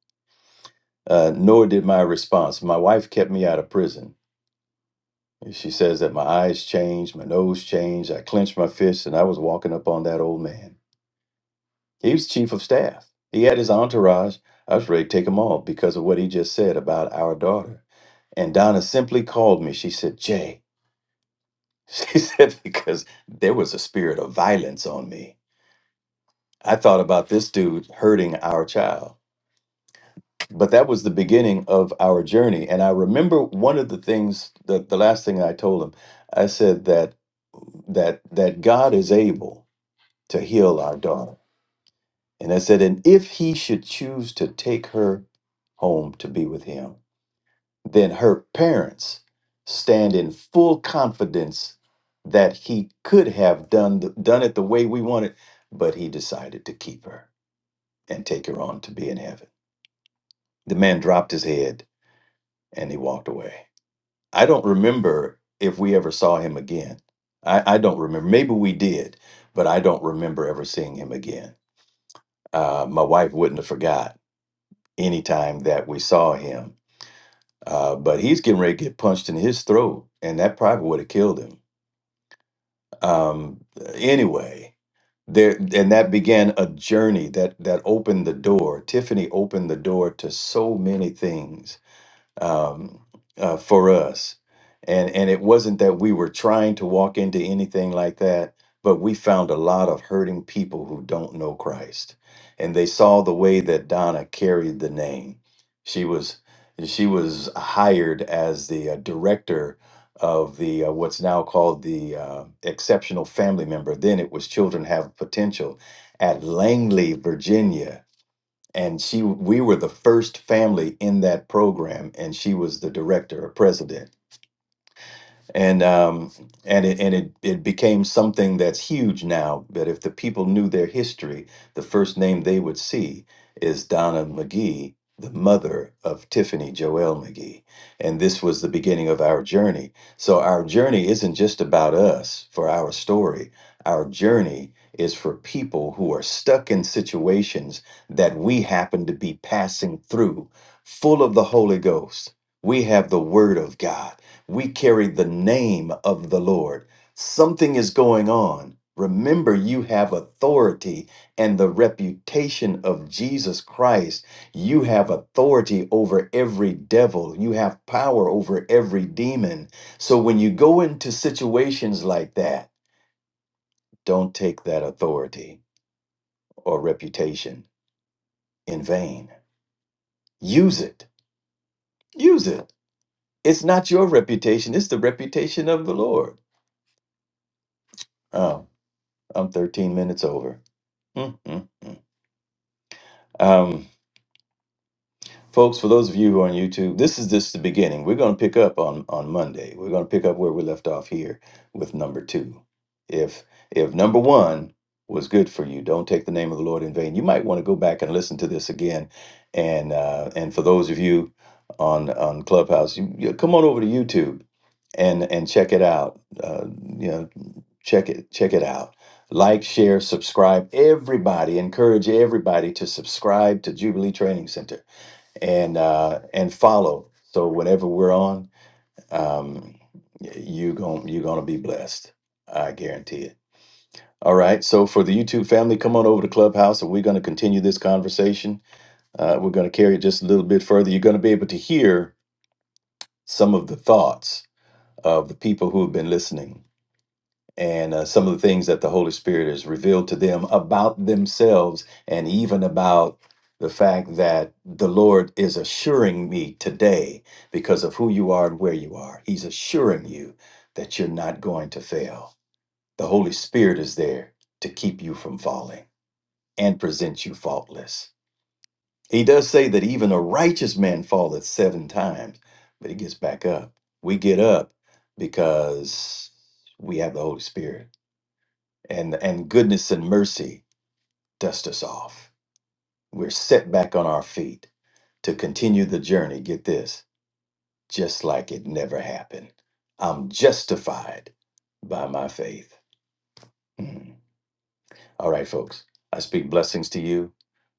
Speaker 3: uh, nor did my response. My wife kept me out of prison And she says that my eyes changed, my nose changed, I clenched my fists, and I was walking up on that old man. He was chief of staff. He had his entourage. I was ready to take him all because of what he just said about our daughter. And Donna simply called me. She said, Jay, (laughs) she said, because there was a spirit of violence on me. I thought about this dude hurting our child. but that was the beginning of our journey. And I remember one of the things that the last thing I told him, I said that that that God is able to heal our daughter. And I said, and if he should choose to take her home to be with him, then her parents stand in full confidence that he could have done the, done it the way we wanted, but he decided to keep her and take her on to be in heaven. The man dropped his head and he walked away. I don't remember if we ever saw him again. I, I don't remember. Maybe we did, but I don't remember ever seeing him again. Uh, my wife wouldn't have forgot any time that we saw him. Uh, but he's getting ready to get punched in his throat, and that probably would have killed him. Um, anyway, there and that began a journey that that opened the door. Tiffany opened the door to so many things um, uh, for us. And, and it wasn't that we were trying to walk into anything like that, but we found a lot of hurting people who don't know Christ. And they saw the way that Donna carried the name. She was she was hired as the uh, director of the uh, what's now called the uh, exceptional family member. Then it was Children Have Potential at Langley, Virginia and she we were the first family in that program and she was the director or president and um, and it and it it became something that's huge now. But if the people knew their history, the first name they would see is Donna McGee, the mother of Tiffany Joelle McGee, and this was the beginning of our journey. So our journey isn't just about us for our story. Our journey is for people who are stuck in situations that we happen to be passing through, full of the Holy Ghost. We have the Word of God we carry the name of the Lord. Something is going on. Remember, you have authority and the reputation of Jesus Christ. You have authority over every devil. You have power over every demon. So when you go into situations like that, don't take that authority or reputation in vain. Use it. Use it. It's not your reputation, it's the reputation of the Lord. Oh, I'm 13 minutes over. Mm, mm, mm. Um, folks, for those of you who are on YouTube, this is just the beginning. We're going to pick up on on Monday. We're going to pick up where we left off here with number two. If if number one was good for you, don't take the name of the Lord in vain. You might want to go back and listen to this again. And uh, and for those of you on on Clubhouse, you, you come on over to YouTube and and check it out. Uh, you know, check it check it out like share subscribe everybody encourage everybody to subscribe to jubilee training center and uh and follow so whenever we're on um you gon' you're gonna be blessed i guarantee it all right so for the youtube family come on over to clubhouse and we're going to continue this conversation uh, we're going to carry it just a little bit further you're going to be able to hear some of the thoughts of the people who have been listening and uh, some of the things that the Holy Spirit has revealed to them about themselves and even about the fact that the Lord is assuring me today because of who you are and where you are. He's assuring you that you're not going to fail. The Holy Spirit is there to keep you from falling and present you faultless. He does say that even a righteous man falleth seven times, but he gets back up. We get up because we have the Holy Spirit and and goodness and mercy dust us off. We're set back on our feet to continue the journey. Get this, just like it never happened. I'm justified by my faith. Mm. All right, folks. I speak blessings to you.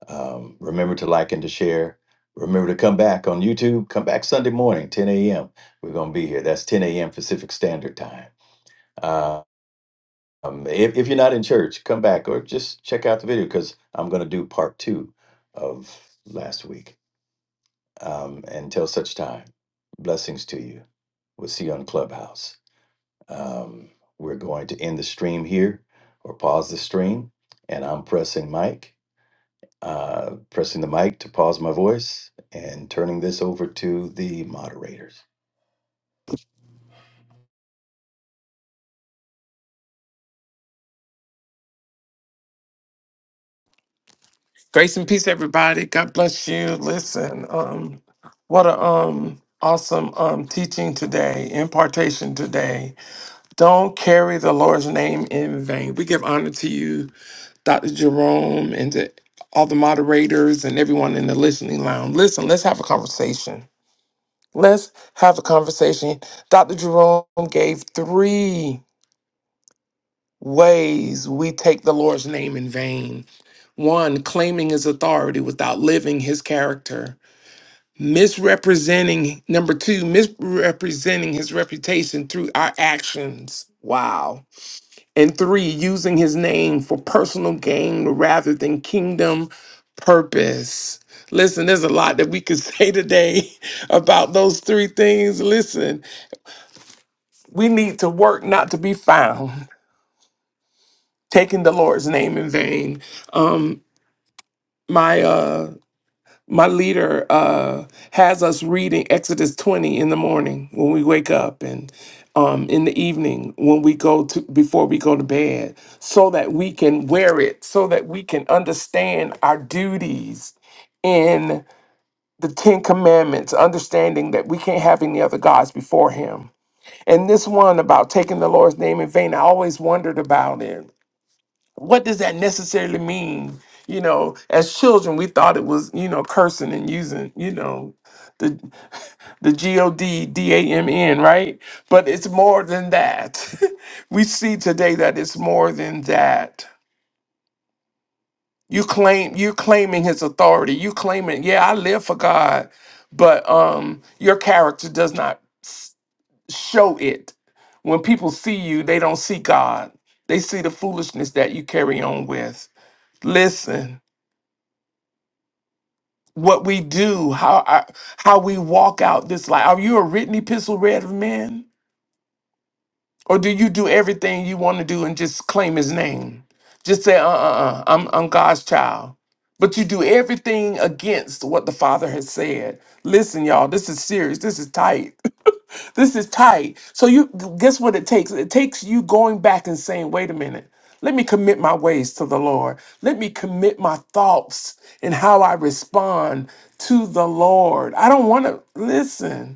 Speaker 3: Um, remember to like and to share. Remember to come back on YouTube. Come back Sunday morning, 10 a.m. We're gonna be here. That's 10 a.m. Pacific Standard Time. Uh, Um, if, if you're not in church, come back or just check out the video because I'm going to do part two of last week. Um, until such time, blessings to you. We'll see you on Clubhouse. Um, we're going to end the stream here or pause the stream. And I'm pressing mic, uh, pressing the mic to pause my voice and turning this over to the moderators.
Speaker 1: Grace and peace, everybody. God bless you. Listen, um, what a um awesome um teaching today, impartation today. Don't carry the Lord's name in vain. We give honor to you, Dr. Jerome, and to all the moderators and everyone in the listening lounge. Listen, let's have a conversation. Let's have a conversation. Dr. Jerome gave three ways we take the Lord's name in vain. One, claiming his authority without living his character. misrepresenting number two misrepresenting his reputation through our actions wow and three using his name for personal gain rather than kingdom purpose listen there's a lot that we could (laughs) say today about those three things listen we need to work not to be found taking the lord's name in vain um my uh my leader uh, has us reading Exodus 20 in the morning when we wake up and um, in the evening when we go to before we go to bed so that we can wear it so that we can understand our duties in the 10 commandments understanding that we can't have any other gods before him and this one about taking the lord's name in vain i always wondered about it what does that necessarily mean? You know, as children, we thought it was, you know, cursing and using, you know, the the G O D D A M N, right? But it's more than that. (laughs) we see today that it's more than that. You claim you claiming his authority. You claiming, yeah, I live for God, but um your character does not s- show it. When people see you, they don't see God. They see the foolishness that you carry on with. Listen. what we do, how our, how we walk out this life. Are you a written epistle read of men? Or do you do everything you want to do and just claim his name? Just say, uh uh uh, I'm, I'm God's child. But you do everything against what the Father has said. Listen, y'all, this is serious. This is tight. (laughs) this is tight. So you guess what it takes? It takes you going back and saying, wait a minute. Let me commit my ways to the Lord. Let me commit my thoughts and how I respond to the Lord. I don't want to listen.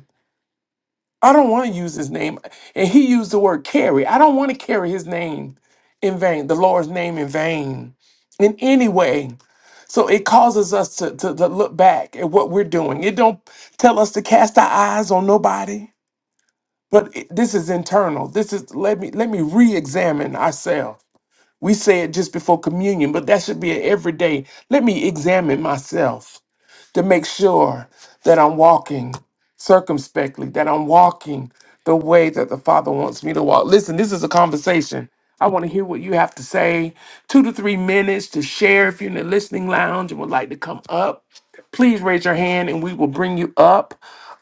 Speaker 1: I don't want to use his name. And he used the word carry. I don't want to carry his name in vain, the Lord's name in vain in any way. So it causes us to, to, to look back at what we're doing. It don't tell us to cast our eyes on nobody, but it- this is internal. This is let me let me re-examine ourselves. We say it just before communion, but that should be an everyday. Let me examine myself to make sure that I'm walking circumspectly, that I'm walking the way that the Father wants me to walk. Listen, this is a conversation. I want to hear what you have to say. Two to three minutes to share if you're in the listening lounge and would like to come up. Please raise your hand and we will bring you up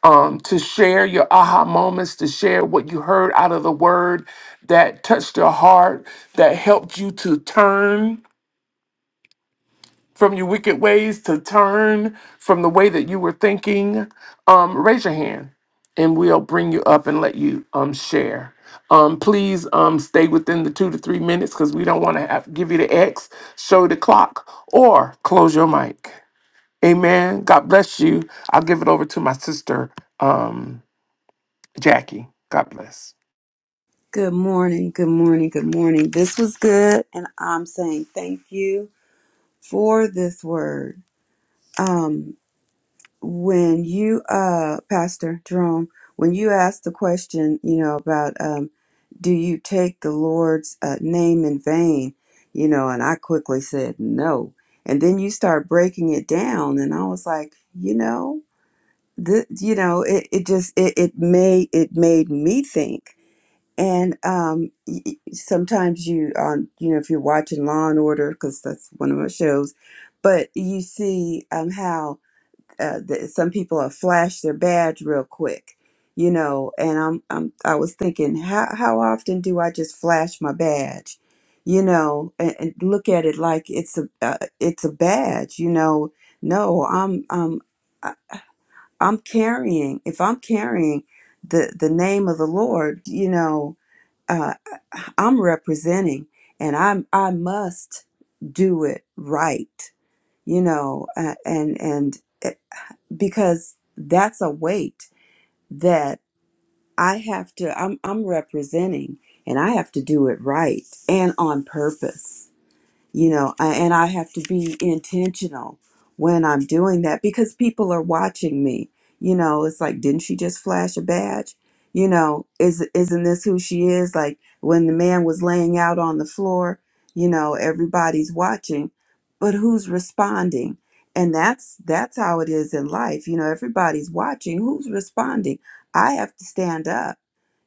Speaker 1: um, to share your aha moments, to share what you heard out of the word that touched your heart, that helped you to turn from your wicked ways, to turn from the way that you were thinking, um, raise your hand and we'll bring you up and let you um, share. Um, please um, stay within the two to three minutes because we don't want to have give you the X, show the clock, or close your mic. Amen. God bless you. I'll give it over to my sister, um, Jackie. God bless.
Speaker 2: Good morning, good morning, good morning. This was good, and I'm saying thank you for this word. Um, when you uh pastor jerome when you asked the question you know about um do you take the lord's uh, name in vain you know and i quickly said no and then you start breaking it down and i was like you know th- you know it, it just it, it made it made me think and um y- y- sometimes you on you know if you're watching law and order because that's one of my shows but you see um how uh, that some people are flash their badge real quick, you know. And I'm, I'm, I was thinking, how how often do I just flash my badge, you know, and, and look at it like it's a uh, it's a badge, you know? No, I'm, I'm, I- I'm carrying. If I'm carrying the the name of the Lord, you know, uh, I'm representing, and I'm I must do it right, you know, uh, and and. eh, because that's a weight that I have to I'm I'm representing and I have to do it right and on purpose you know I, and i have to be intentional when i'm doing that because people are watching me you know it's like didn't she just flash a badge you know is isn't this who she is like when the man was laying out on the floor you know everybody's watching but who's responding and that's that's how it is in life you know everybody's watching who's responding i have to stand up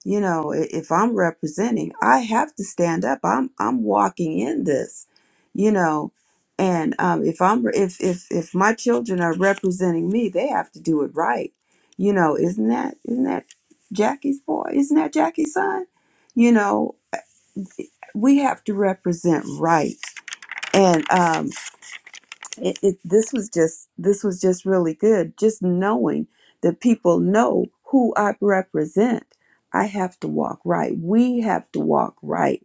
Speaker 2: you know i- if i'm representing i have to stand up i'm i'm walking in this you know and um, if i'm if if if my children are representing me they have to do it right you know isn't that isn't that jackie's boy isn't that jackie's son you know we have to represent right and um it, it this was just this was just really good just knowing that people know who i represent i have to walk right we have to walk right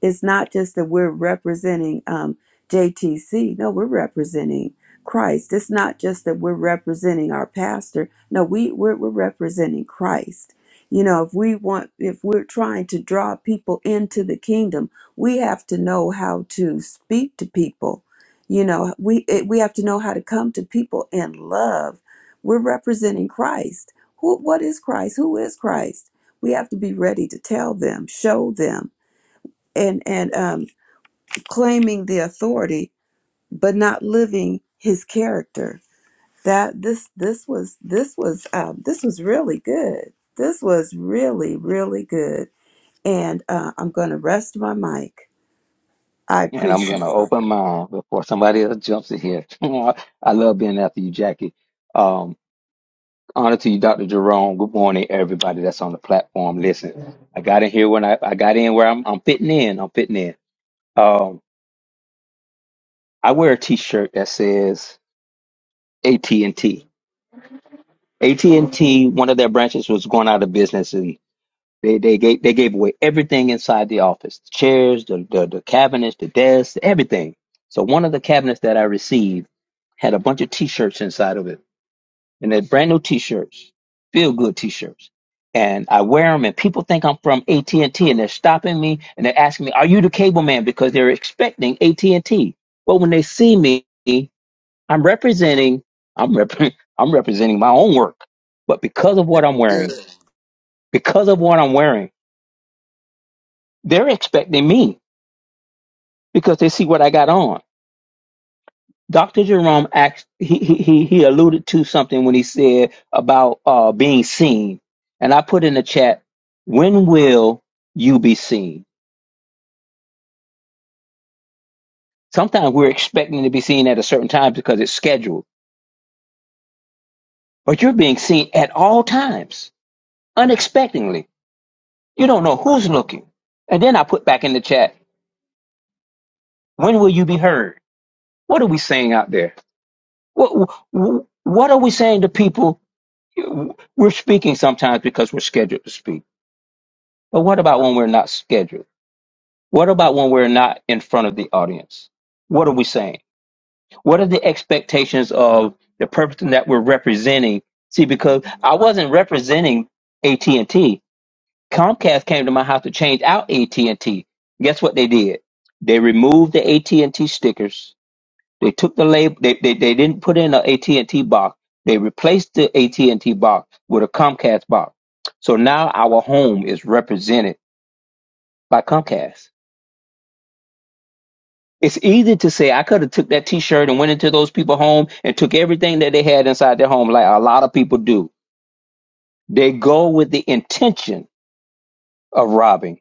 Speaker 2: it's not just that we're representing um, JTC. No, we're representing Christ. It's not just that we're representing our pastor. No, we we're, we're representing Christ. You know, if we want, if we're trying to draw people into the kingdom, we have to know how to speak to people. You know, we it, we have to know how to come to people in love. We're representing Christ. Who, what is Christ? Who is Christ? We have to be ready to tell them, show them, and and um, claiming the authority but not living his character that this this was this was um, this was really good this was really really good and uh, i'm gonna rest my mic i
Speaker 4: And I'm gonna
Speaker 2: appreciate it
Speaker 4: open mine before somebody else jumps in here. (laughs) I love being after you, Jackie. Um, honor to you, Dr. Jerome. Good morning, everybody that's on the platform. Listen, I got in here when I, I got in where I'm I'm fitting in. I'm fitting in. Um, I wear a T-shirt that says AT and T. AT and T. One of their branches was going out of business, They they gave they gave away everything inside the office: the chairs, the, the the cabinets, the desks, everything. So one of the cabinets that I received had a bunch of T-shirts inside of it, and they're brand new T-shirts, feel good T-shirts. And I wear them, and people think I'm from AT and T, and they're stopping me and they're asking me, "Are you the cable man?" Because they're expecting AT and T. But when they see me, I'm representing I'm rep- (laughs) I'm representing my own work. But because of what I'm wearing,
Speaker 6: Good.
Speaker 4: because of what I'm wearing. They're expecting me because they see what I got on. Dr. Jerome asked. he, he, he he alluded to something when he said about uh, being seen. And I put in the chat, when will you be seen? Sometimes we're expecting to be seen at a certain time because it's scheduled, but you're being seen at all times, unexpectedly. You don't know who's looking. And then I put back in the chat, when will you be heard? What are we saying out there? What, what are we saying to people We're speaking sometimes because we're scheduled to speak. But what about when we're not scheduled? What about when we're not in front of the audience? What are we saying? What are the expectations of the person that we're representing? See, because I wasn't representing AT&T. Comcast came to my house to change out AT&T. Guess what they did? They removed the AT&T stickers they took the label. They, they they didn't put in an AT and T box. They replaced the AT and T box with a Comcast box. So now our home is represented by Comcast. It's easy to say I could have took that T-shirt and went into those people's home and took everything that they had inside their home, like a lot of people do. They go with the intention of robbing,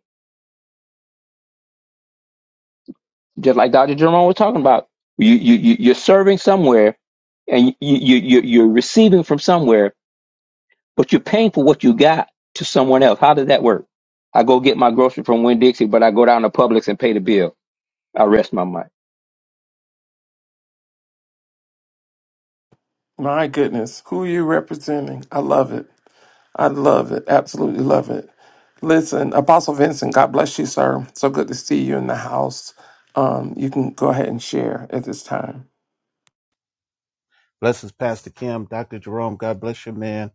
Speaker 4: just like Dr. Jerome was talking about. You you you- you're serving somewhere, and you you you you're receiving from somewhere but you're paying for what you got to someone else. How does that work? I go get my grocery from Winn Dixie, but I go down to Publix and pay the bill. I rest my mind.
Speaker 1: My goodness, who are you representing? I love it. I love it. Absolutely love it. Listen, Apostle Vincent, God bless you, sir. So good to see you in the house. Um, you can go ahead and share at this time.
Speaker 7: Blessings, Pastor Kim, Dr. Jerome. God bless you, man.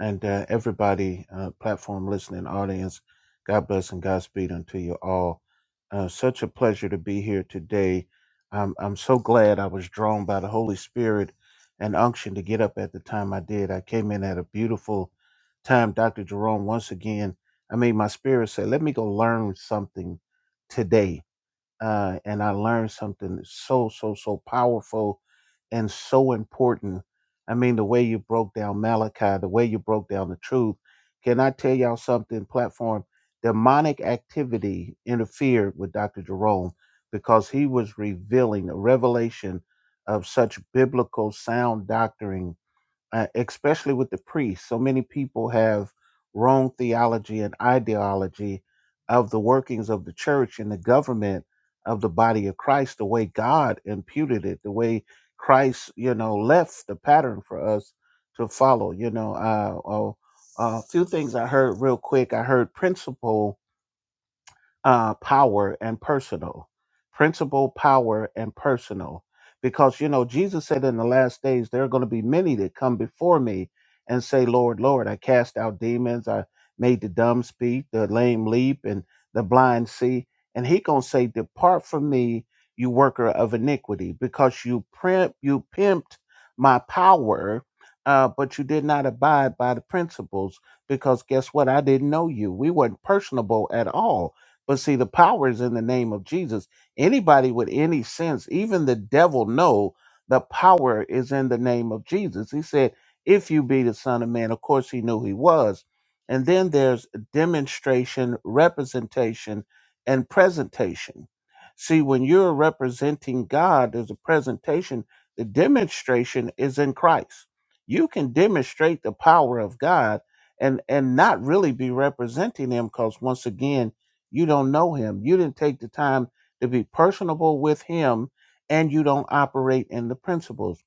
Speaker 7: And uh, everybody, uh, platform listening audience, God bless and Godspeed unto you all. Uh, such a pleasure to be here today. I'm, I'm so glad I was drawn by the Holy Spirit and unction to get up at the time I did. I came in at a beautiful time, Dr. Jerome. Once again, I made my spirit say, let me go learn something today uh, and I learned something so so so powerful and so important. I mean, the way you broke down Malachi, the way you broke down the truth. Can I tell y'all something? Platform demonic activity interfered with Dr. Jerome because he was revealing a revelation of such biblical sound doctrine uh, especially with the priests. So many people have wrong theology and ideology of the workings of the church and the government of the body of Christ, the way God imputed it, the way Christ, you know, left the pattern for us to follow. You know, uh, oh, a few things I heard real quick. I heard principle uh, power and personal. Principle, power, and personal. Because, you know, Jesus said in the last days, there are going to be many that come before me and say, Lord, Lord, I cast out demons. I made the dumb speak, the lame leap, and the blind see. And he going to say, depart from me, you worker of iniquity, because you primp, you pimped my power, uh, but you did not abide by the principles. Because guess what? I didn't know you. We weren't personable at all but see, the power is in the name of Jesus. Anybody with any sense, even the devil, know the power is in the name of Jesus. He said, "If you be the Son of Man," of course he knew he was. And then there's demonstration, representation, and presentation. See, when you're representing God, there's a presentation. The demonstration is in Christ. You can demonstrate the power of God and and not really be representing Him, because once again you don't know him. You didn't take the time to be personable with him, and you don't operate in the principles.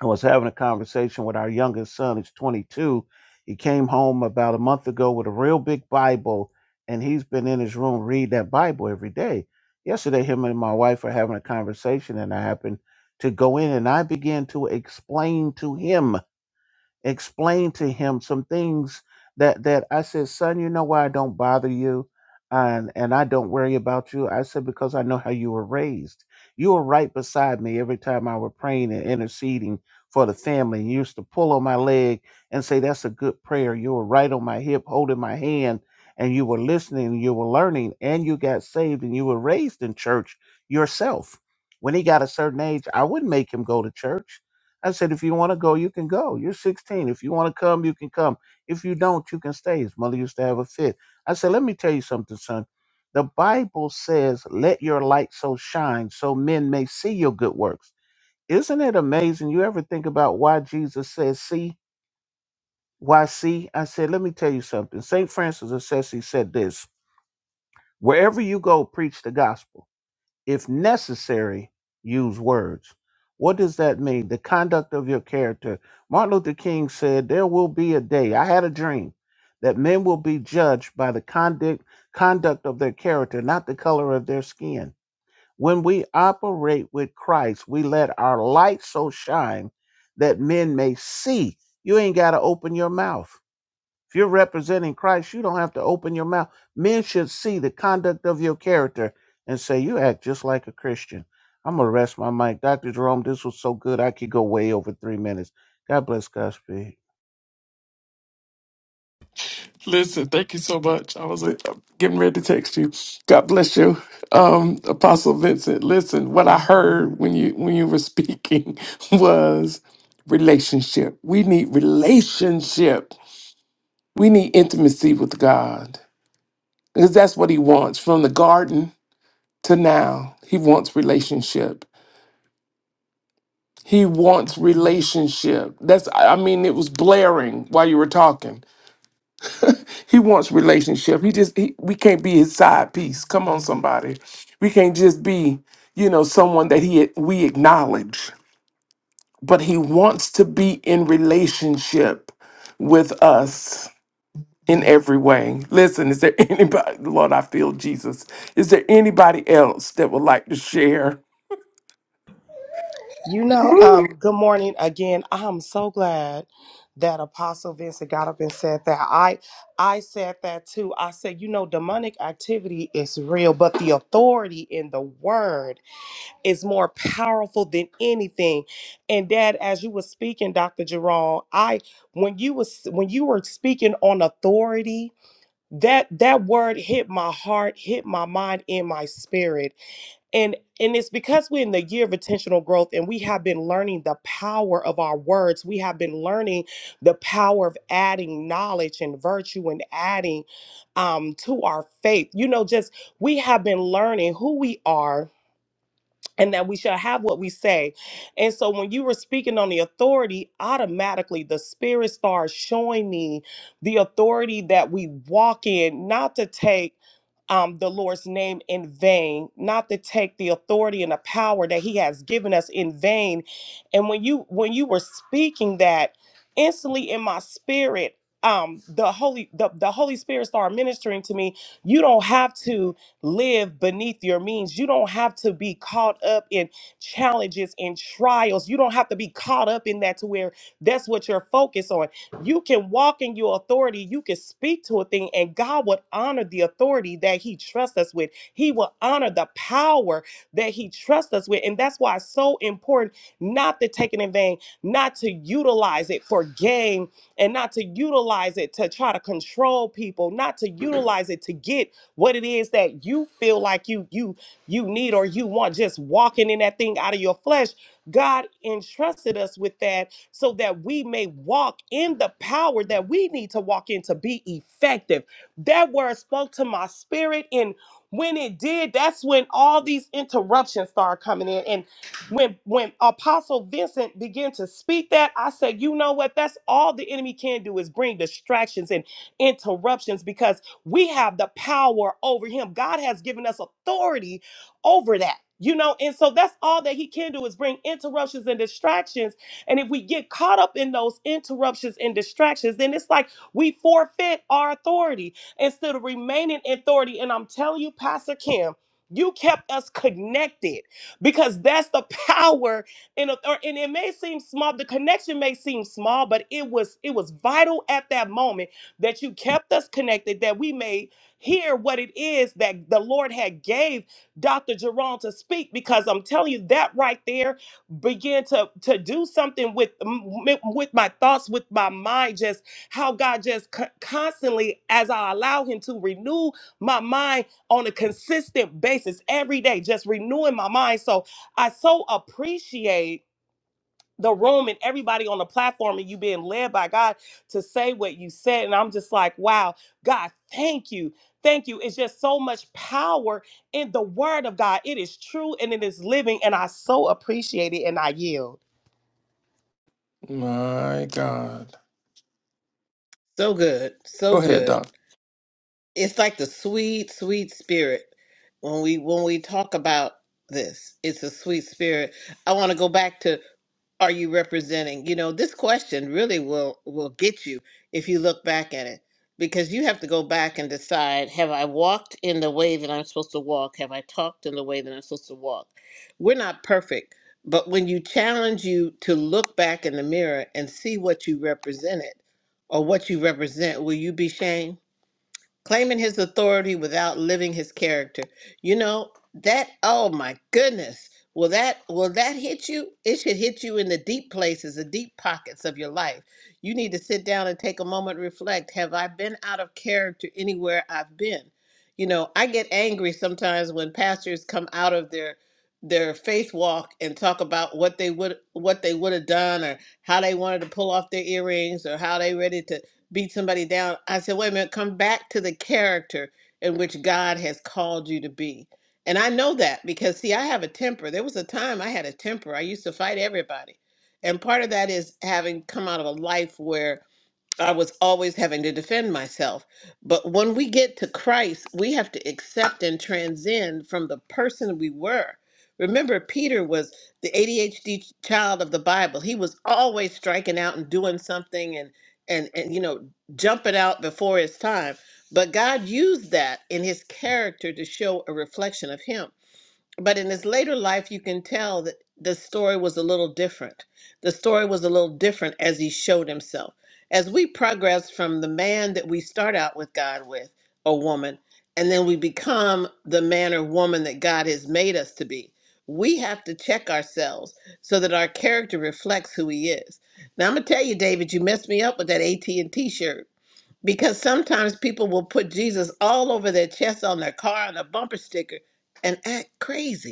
Speaker 7: I was having a conversation with our youngest son, who's 22. He came home about a month ago with a real big Bible, and he's been in his room read that Bible every day. Yesterday, him and my wife were having a conversation, and I happened to go in and I began to explain to him explained to him some things that that I said, son, you know why I don't bother you, and and I don't worry about you. I said because I know how you were raised. You were right beside me every time I were praying and interceding for the family. You used to pull on my leg and say, "That's a good prayer." You were right on my hip, holding my hand, and you were listening, and you were learning, and you got saved, and you were raised in church yourself. When he got a certain age, I wouldn't make him go to church. I said, if you want to go, you can go. You're 16. If you want to come, you can come. If you don't, you can stay. His mother used to have a fit. I said, let me tell you something, son. The Bible says, let your light so shine so men may see your good works. Isn't it amazing? You ever think about why Jesus says, see? Why see? I said, let me tell you something. St. Francis of Assisi said this Wherever you go, preach the gospel. If necessary, use words. What does that mean? The conduct of your character. Martin Luther King said, There will be a day, I had a dream, that men will be judged by the conduct, conduct of their character, not the color of their skin. When we operate with Christ, we let our light so shine that men may see. You ain't got to open your mouth. If you're representing Christ, you don't have to open your mouth. Men should see the conduct of your character and say, You act just like a Christian. I'm going to rest my mic. Dr. Jerome, this was so good. I could go way over three minutes. God bless Godspeed.
Speaker 1: Listen, thank you so much. I was uh, getting ready to text you. God bless you, um, Apostle Vincent. Listen, what I heard when you when you were speaking (laughs) was relationship. We need relationship. We need intimacy with God because that's what He wants from the garden to now. He wants relationship He wants relationship. That's I mean it was blaring while you were talking. He wants relationship. He just he, we can't be his side piece. Come on somebody. We can't just be, you know, someone that he we acknowledge, but he wants to be in relationship with us in every way. Listen, is there (laughs) anybody Lord, I feel Jesus. Is there anybody else that would like to share?
Speaker 5: You
Speaker 1: (laughs)
Speaker 5: know, um, good morning again. I'm so glad that Apostle Vincent got up and said that. I I said that too. I said, you know, demonic activity is real, but the authority in the word is more powerful than anything. And Dad, as you were speaking, Dr. Jerome, I when you was when you were speaking on authority, that that word hit my heart, hit my mind, in my spirit And and it's because we're in the year of intentional growth and we have been learning the power of our words. We have been learning the power of adding knowledge and virtue and adding um, to our faith. You know, just we have been learning who we are and that we shall have what we say. And so when you were speaking on the authority, automatically the spirit starts showing me the authority that we walk in, not to take um, the Lord's name in vain, not to take the authority and the power that He has given us in vain. And when you when you were speaking that, instantly in my spirit, um, the Holy the, the Holy Spirit started ministering to me. You don't have to live beneath your means. You don't have to be caught up in challenges and trials. You don't have to be caught up in that to where that's what you're focused on. You can walk in your authority. You can speak to a thing, and God would honor the authority that He trusts us with. He will honor the power that He trusts us with. And that's why it's so important not to take it in vain, not to utilize it for gain, and not to utilize it to try to control people, not to utilize it to get what it is that you feel like you you you need or you want. Just walking in that thing out of your flesh. God entrusted us with that so that we may walk in the power that we need to walk in to be effective. That word spoke to my spirit. And when it did, that's when all these interruptions started coming in. And when when Apostle Vincent began to speak that, I said, you know what? That's all the enemy can do is bring distractions and interruptions because we have the power over him. God has given us authority over that. You know, and so that's all that he can do is bring interruptions and distractions and if we get caught up in those interruptions and distractions, then it's like we forfeit our authority instead of remaining in authority. And I'm telling you, Pastor Kim, you kept us connected because that's the (laughs) power in author- and it may seem small the connection may seem small but it was it was vital at that moment that you kept us connected that we may hear what it is that the lord had gave dr jerome to speak because i'm telling you that right there began to to do something with m- with my thoughts with my mind just how god just co- constantly as i allow him to renew my mind on a consistent basis every day just renewing my mind so i so appreciate the room and everybody on the platform and you being led by god to say what you said and i'm just like wow god thank you thank you it's just so much power in the word of god it is true and it is living and i so appreciate it and i yield
Speaker 1: My God.
Speaker 6: So good. So
Speaker 1: Go ahead,
Speaker 6: good.
Speaker 1: Doc.
Speaker 6: It's like the sweet, sweet spirit when we when we talk about this. It's a sweet spirit. I want to go back to are you representing? You know, this question really will will get you if you look back at it because you have to go back and decide have I walked in the way that I'm supposed to walk? Have I talked in the way that I'm supposed to walk? We're not perfect, but when you challenge you to look back in the mirror and see what you represented or what you represent, will you be shamed? claiming his authority without living his character. You know, that oh my goodness. Will that will that hit you? It should hit you in the deep places, the deep pockets of your life. You need to sit down and take a moment, reflect. Have I been out of character anywhere I've been? You know, I get angry sometimes when pastors come out of their their faith walk and talk about what they would what they would have done or how they wanted to pull off their earrings or how they ready to beat somebody down. I said, wait a minute, come back to the character in which God has called you to be. And I know that because, see, I have a temper. There was a time I had a temper. I used to fight everybody. And part of that is having come out of a life where I was always having to defend myself. But when we get to Christ, we have to accept and transcend from the person we were. Remember, Peter was the ADHD child of the Bible. He was always striking out and doing something and and and you know jumping out before his time. But God used that in his character to show a reflection of him but in his later life you can tell that the story was a little different the story was a little different as he showed himself as we progress from the man that we start out with god with or woman and then we become the man or woman that god has made us to be we have to check ourselves so that our character reflects who he is now i'm going to tell you david you messed me up with that at&t shirt because sometimes people will put jesus all over their chest on their car on a bumper sticker and act crazy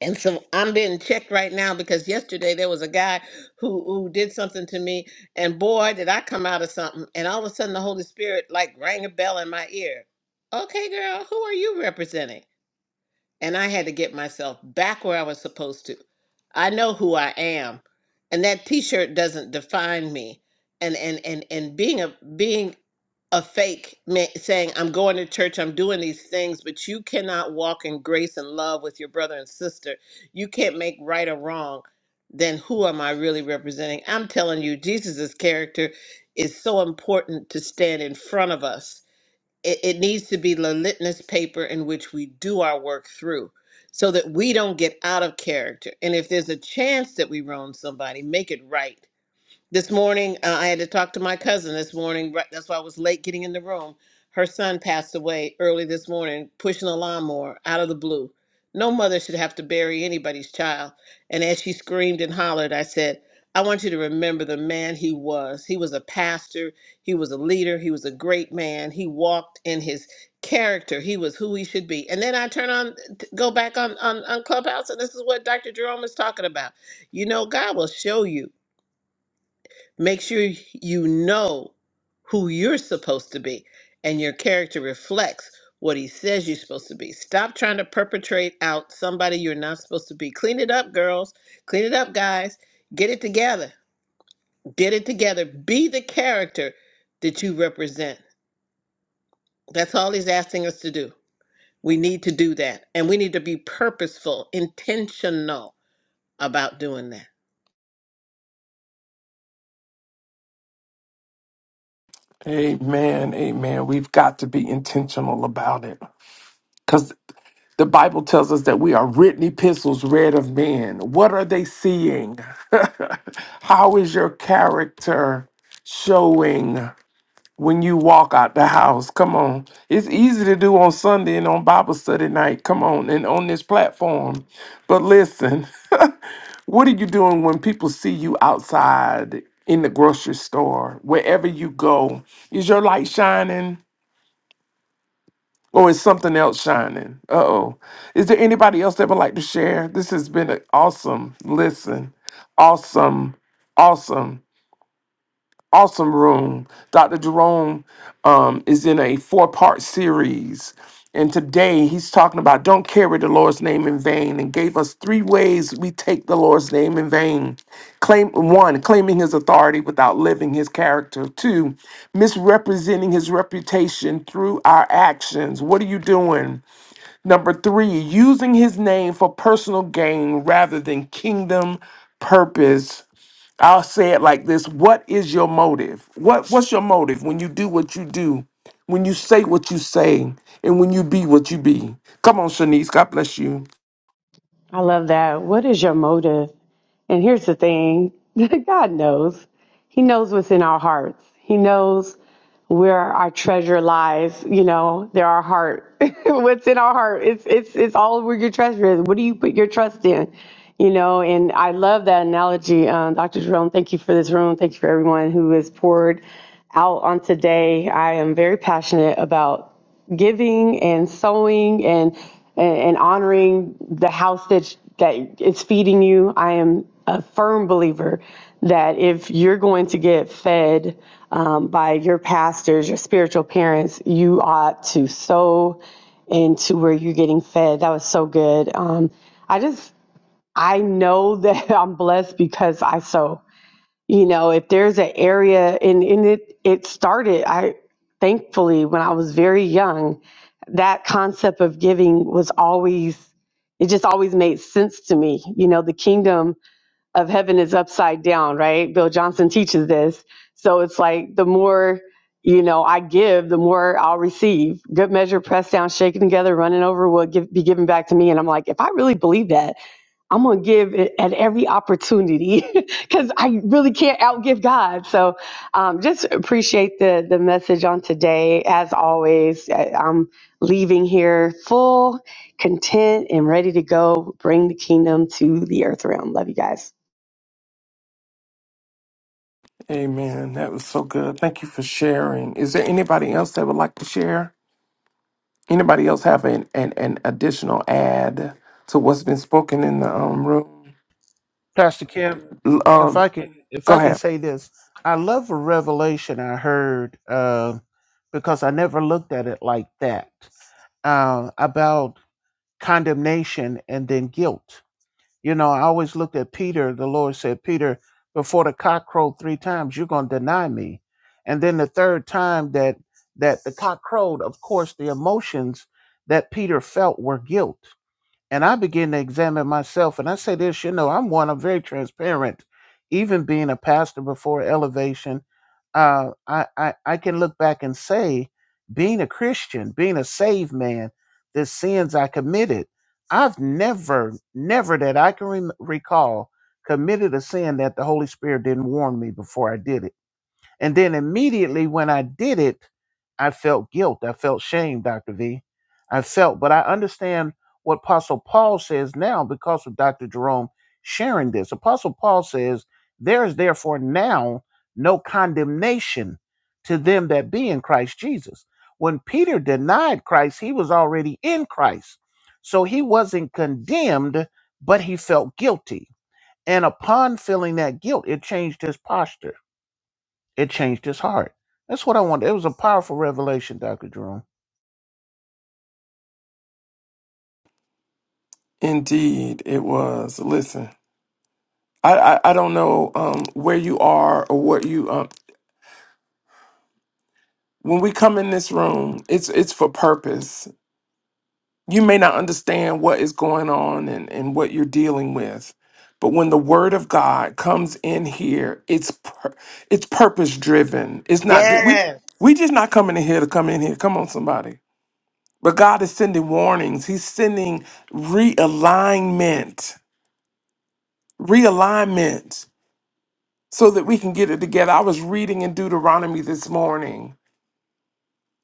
Speaker 6: and so I'm being checked right now because yesterday there was a guy who who did something to me, and boy, did I come out of something. And all of a sudden, the Holy Spirit like rang a bell in my ear. Okay, girl, who are you representing? And I had to get myself back where I was supposed to. I know who I am, and that T-shirt doesn't define me. And and and and being a being a fake ma- saying i'm going to church i'm doing these things but you cannot walk in grace and love with your brother and sister you can't make right or wrong then who am i really representing i'm telling you jesus's character is so important to stand in front of us it, it needs to be the litmus paper in which we do our work through so that we don't get out of character and if there's a chance that we wrong somebody make it right this morning, uh, I had to talk to my cousin this morning. right- That's why I was late getting in the room. Her son passed away early this morning, pushing a lawnmower out of the blue. No mother should have to bury anybody's child. And as she screamed and hollered, I said, I want you to remember the man he was. He was a pastor, he was a leader, he was a great man. He walked in his character, he was who he should be. And then I turn on, t- go back on, on, on Clubhouse, and this is what Dr. Jerome is talking about. You know, God will show you. Make sure you know who you're supposed to be and your character reflects what he says you're supposed to be. Stop trying to perpetrate out somebody you're not supposed to be. Clean it up, girls. Clean it up, guys. Get it together. Get it together. Be the character that you represent. That's all he's asking us to do. We need to do that. And we need to be purposeful, intentional about doing that.
Speaker 1: Amen. Amen. We've got to be intentional about it. Because the Bible tells us that we are written epistles read of men. What are they seeing? (laughs) How is your character showing when you walk out the house? Come on. It's easy to do on Sunday and on Bible study night. Come on. And on this platform. But listen, (laughs) what are you doing when people see you outside in the grocery store, wherever you go? Is your light shining? Oh, is something else shining. Uh oh. Is there anybody else that would like to share? This has been an awesome listen, awesome, awesome, awesome room. Dr. Jerome um, is in a four part series. And today he's talking about don't carry the Lord's name in vain and gave us three ways we take the Lord's name in vain. Claim one, claiming his authority without living his character. Two, misrepresenting his reputation through our actions. What are you doing? Number three, using his name for personal gain rather than kingdom purpose. I'll say it like this: What is your motive? What What's your motive when you do what you do, when you say what you say, and when you be what you be? Come on, Shanice. God bless you.
Speaker 8: I love that. What is your motive? And here's the thing (laughs) God knows. He knows what's in our hearts, He knows where our treasure lies. You know, there our heart. (laughs) what's in our heart? It's, it's, it's all where your treasure is. What do you put your trust in? You know, and I love that analogy. Um, Dr. Jerome, thank you for this room. Thank you for everyone who has poured out on today. I am very passionate about giving and sowing and and, and honoring the house that that is feeding you. I am a firm believer that if you're going to get fed um, by your pastors, your spiritual parents, you ought to sow into where you're getting fed. That was so good. Um, I just I know that (laughs) I'm blessed because I sow you know if there's an area and, and it it started i thankfully when i was very young that concept of giving was always it just always made sense to me you know the kingdom of heaven is upside down right bill johnson teaches this so it's like the more you know i give the more i'll receive good measure pressed down shaken together running over will give, be given back to me and i'm like if i really believe that I'm gonna give it at every opportunity (laughs) because I really can't outgive God. So, um, just appreciate the the message on today. As always, I- I'm leaving here full, content, and ready to go. Bring the kingdom to the earth realm. Love you guys.
Speaker 1: Amen. That was so good. Thank you for sharing. Is there anybody else that would like to share? Anybody else have an an, an additional add to what's been spoken in the um, room?
Speaker 7: Pastor Kim,
Speaker 1: L-
Speaker 7: if
Speaker 1: Um,
Speaker 7: I could, if
Speaker 1: go
Speaker 7: I could
Speaker 1: ahead.
Speaker 7: say this, I love a revelation I heard uh, because I never looked at it like that uh, about condemnation and then guilt You know, I always looked at Peter. The Lord said, Peter, before the cock crowed three times, you're going to deny me. And then the third time that that the cock crowed, of course, the emotions that Peter felt were guilt. And I began to examine myself. And I say this, you know, I'm one, I'm very transparent. Even being a pastor before elevation, uh, I, I, I can look back and say, being a Christian, being a saved man, the sins I committed, I've never, never that I can rem recall committed a sin that the Holy Spirit didn't warn me before I did it and then immediately when I did it, I felt guilt. I felt shame, Dr. V. I felt, but I understand what Apostle Paul says now because of Dr. Jerome sharing this. Apostle Paul says, There is therefore now no condemnation to them that be in Christ Jesus. When Peter denied Christ, he was already in Christ. So he wasn't condemned, but he felt guilty. And upon feeling that guilt, it changed his posture it changed his heart. That's what I wanted. It was a powerful revelation, Dr. Jerome.
Speaker 1: Indeed, it was. Listen, I, I, I don't know um, where you are or what you um. When we come in this room, it's it's for purpose. You may not understand what is going on and, and what you're dealing with, but when the Word of God comes in here, it's pur- it's purpose driven. It's not that we
Speaker 5: Yes.
Speaker 1: we just not coming in here to come in here. Come on, somebody. But God is sending warnings. He's sending realignment. Realignment so that we can get it together. I was reading in Deuteronomy this morning,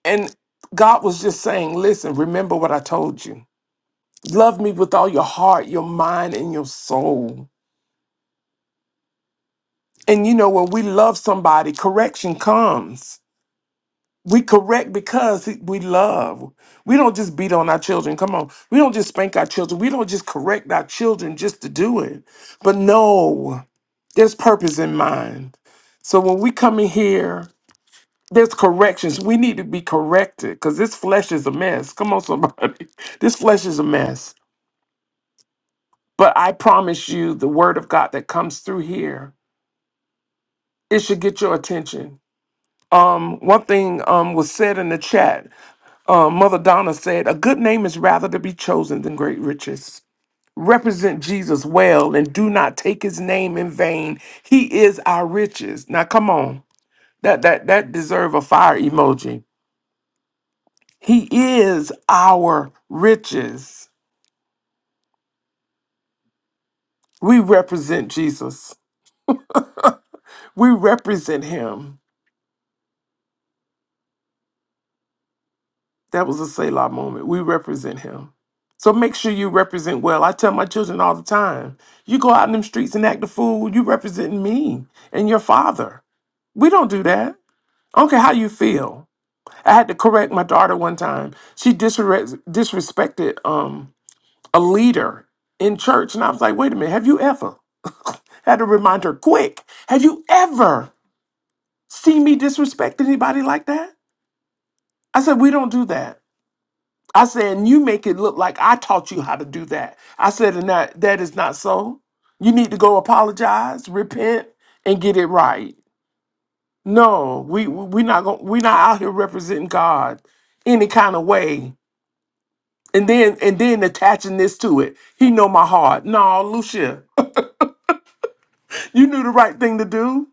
Speaker 1: and God was just saying, Listen, remember what I told you. Love me with all your heart, your mind, and your soul. And you know, when we love somebody, correction comes. We correct because we love. We don't just beat on our children. Come on. We don't just spank our children. We don't just correct our children just to do it. But no, there's purpose in mind. So when we come in here There's corrections. We need to be corrected because this flesh is a mess. Come on, somebody. (laughs) This flesh is a mess. But I promise you, the word of God that comes through here, it should get your attention. Um, one thing um, was said in the chat. Um, Mother Donna said, "A good name is rather to be chosen than great riches." Represent Jesus well and do not take his name in vain. He is our riches. Now, come on, that that that deserve a fire emoji He is our riches. We represent Jesus. We represent him. That was a Selah moment. We represent him. So make sure you represent well. I tell my children all the time you go out in them streets and act a fool, you representing me and your father. We don't do that. I don't care how you feel. I had to correct my daughter one time. She disres- disrespected um a leader in church. And I was like, wait a minute, have you ever (laughs) had to remind her quick? Have you ever seen me disrespect anybody like that? I said, we don't do that. I said, and you make it look like I taught you how to do that. I said, and that, that is not so. You need to go apologize, repent, and get it right. No, we we not going we're not out here representing God any kind of way. And then and then attaching this to it. He know my heart. No, Lucia. You knew the right thing to do.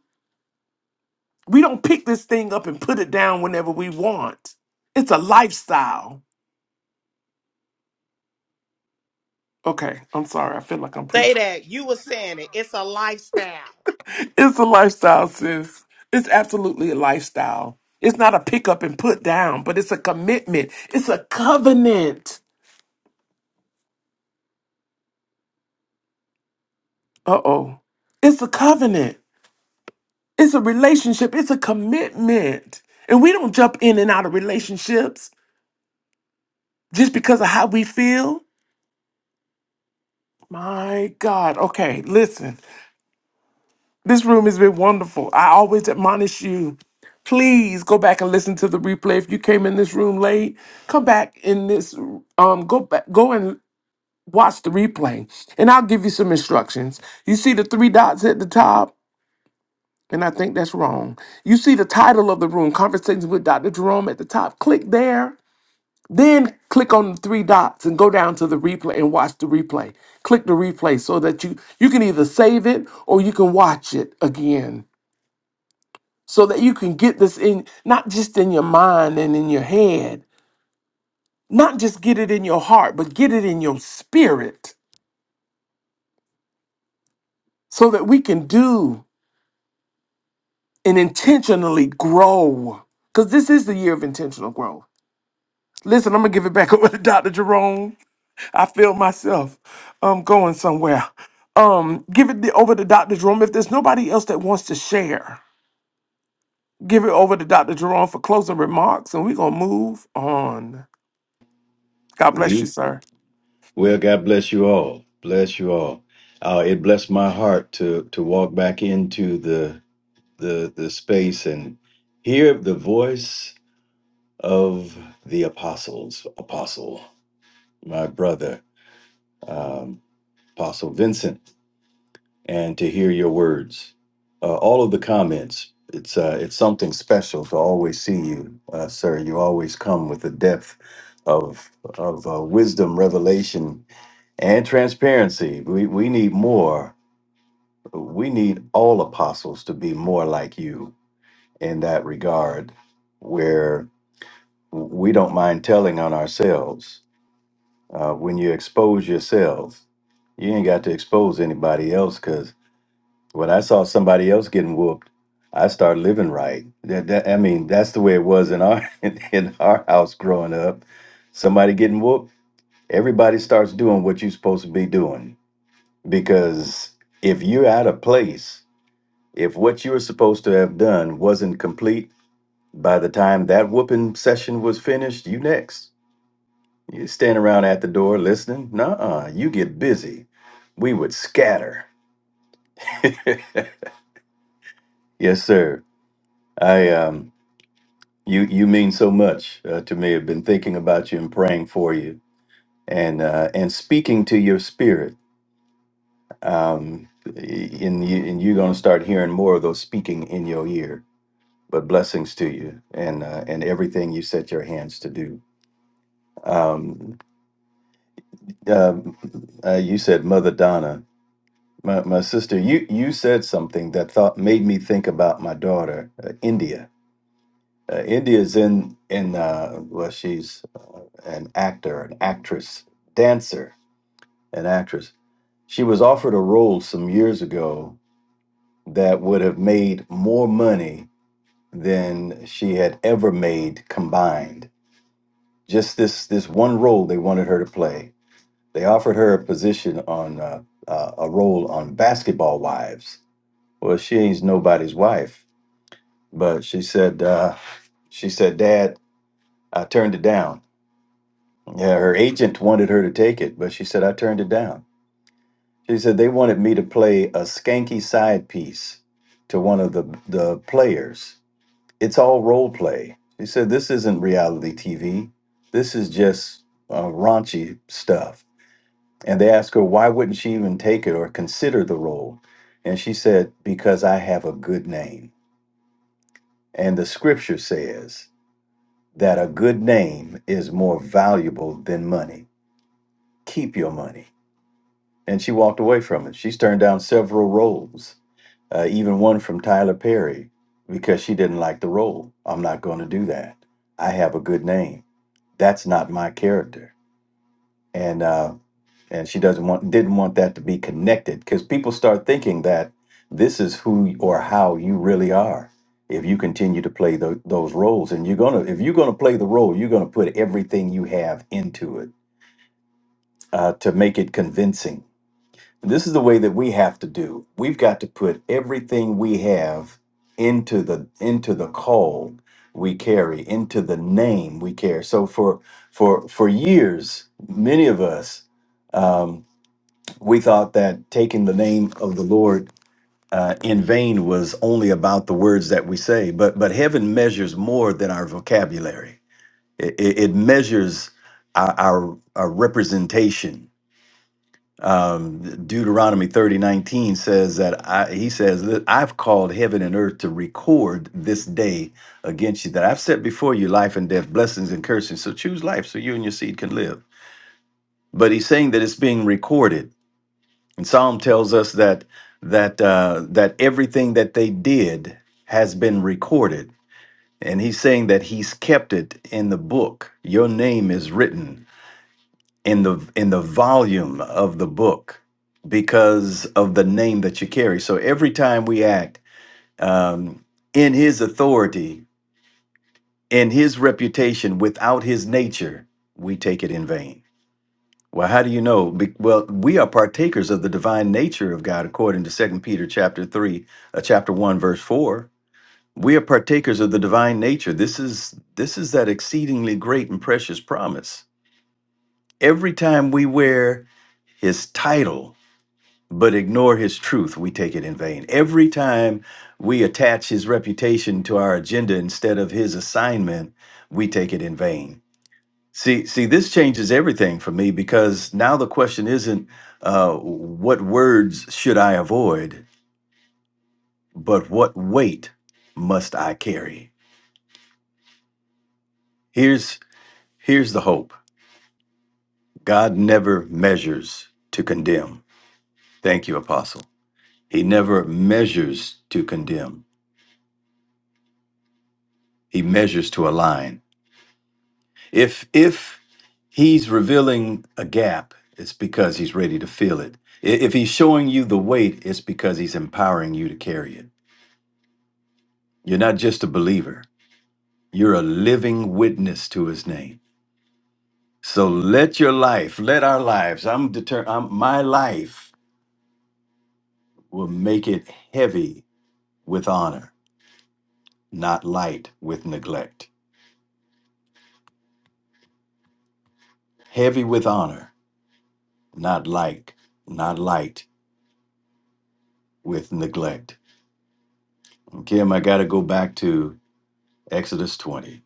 Speaker 1: We don't pick this thing up and put it down whenever we want. It's a lifestyle. Okay, I'm sorry. I feel like I'm
Speaker 5: Say
Speaker 1: preaching.
Speaker 5: that. You were saying it. It's a lifestyle.
Speaker 1: (laughs) It's a lifestyle, sis. It's absolutely a lifestyle. It's not a pick up and put down, but it's a commitment. It's a covenant. Uh oh. It's a covenant. It's a relationship. It's a commitment. And we don't jump in and out of relationships just because of how we feel. My God. Okay, listen. This room has been wonderful. I always admonish you. Please go back and listen to the replay. If you came in this room late, come back in this um go back go and watch the replay. And I'll give you some instructions. You see the three dots at the top, and I think that's wrong. You see the title of the room, Conversations with Dr. Jerome at the top. Click there. Then click on the three dots and go down to the replay and watch the replay. Click the replay so that you you can either save it or you can watch it again. so that you can get this in not just in your mind and in your head, not just get it in your heart, but get it in your spirit so that we can do and intentionally grow. Because this is the year of intentional growth. Listen, I'm gonna give it back (laughs) over to Dr. Jerome. I feel myself um going somewhere. Um, give it the, over to Dr. Jerome. If there's nobody else that wants to share, give it over to Dr. Jerome for closing remarks, and we're gonna move on. God bless you,
Speaker 3: We
Speaker 1: sir.
Speaker 3: well, God bless you all. Bless you all. Uh, it blessed my heart to to walk back into the the the space and hear the voice of the apostles apostle my brother um, apostle vincent and to hear your words uh, all of the comments it's uh, it's something special to always see you uh, sir you always come with the depth of of uh, wisdom revelation and transparency we we need more we need all apostles to be more like you in that regard where we don't mind telling on ourselves. Uh, when you expose yourself, you ain't got to expose anybody else. Because when I saw somebody else getting whooped, I started living right. That, that I mean, that's the way it was in our (laughs) in, in our house growing up. Somebody getting whooped, everybody starts doing what you're supposed to be doing. Because if you're out of place, if what you were supposed to have done wasn't complete by the time that whooping session was finished, you next You stand around at the door listening? Nuh-uh. You get busy. We would scatter. (laughs) yes, sir. I um you you mean so much uh, to me. I've been thinking about you and praying for you and uh and speaking to your spirit. Um and you and you're gonna start hearing more of those speaking in your ear. But blessings to you and uh, and everything you set your hands to do. Um uh, uh, you said Mother Donna. My, my sister, you, you said something that thought made me think about my daughter, uh, India. Uh, India is in in uh, well, she's uh, an actor, an actress, dancer, an actress. She was offered a role some years ago that would have made more money than she had ever made combined. Just this this one role they wanted her to play. They offered her a position on uh, uh, a role on Basketball Wives. Well, she ain't nobody's wife but she said uh, she said dad i turned it down yeah her agent wanted her to take it but she said i turned it down she said they wanted me to play a skanky side piece to one of the the players it's all role play she said this isn't reality tv this is just uh, raunchy stuff and they asked her why wouldn't she even take it or consider the role and she said because i have a good name and the scripture says that a good name is more valuable than money. Keep your money. And she walked away from it. She's turned down several roles, uh, even one from Tyler Perry, because she didn't like the role. I'm not going to do that. I have a good name. That's not my character. And uh, and she doesn't want didn't want that to be connected because people start thinking that this is who or how you really are if you continue to play tho- those roles and you're gonna if you're gonna play the role you're gonna put everything you have into it uh, to make it convincing this is the way that we have to do we've got to put everything we have into the into the call we carry into the name we carry so for for for years many of us um, we thought that taking the name of the Lord uh, in vain was only about the words that we say, but but heaven measures more than our vocabulary. It, it, it measures our, our, our representation. Um, Deuteronomy thirty nineteen says that I, he says that I've called heaven and earth to record this day against you that I've set before you life and death, blessings and cursings. So choose life so you and your seed can live. But he's saying that it's being recorded And Psalm tells us that that uh, that everything that they did has been recorded, and he's saying that he's kept it in the book. Your name is written in the in the volume of the book because of the name that you carry. So every time we act um, in His authority, in His reputation, without His nature, we take it in vain. Well, how do you know? Be- well, we are partakers of the divine nature of God, according to Second Peter chapter three, uh, chapter one, verse four. We are partakers of the divine nature. This is this is that exceedingly great and precious promise. Every time we wear His title but ignore His truth, we take it in vain. Every time we attach His reputation to our agenda instead of His assignment, we take it in vain. See, see, this changes everything for me because now the question isn't uh, what words should I avoid, but what weight must I carry? Here's here's the hope. God never measures to condemn. Thank you, Apostle. He never measures to condemn. He measures to align. If if he's revealing a gap, it's because he's ready to fill it. I- If he's showing you the weight, it's because he's empowering you to carry it. You're not just a believer, you're a living witness to his name. So let your life, let our lives, I'm determined, my life will make it heavy with honor, not light with neglect. Heavy with honor, not light, not light with neglect. Okay, I got to go back to Exodus 20.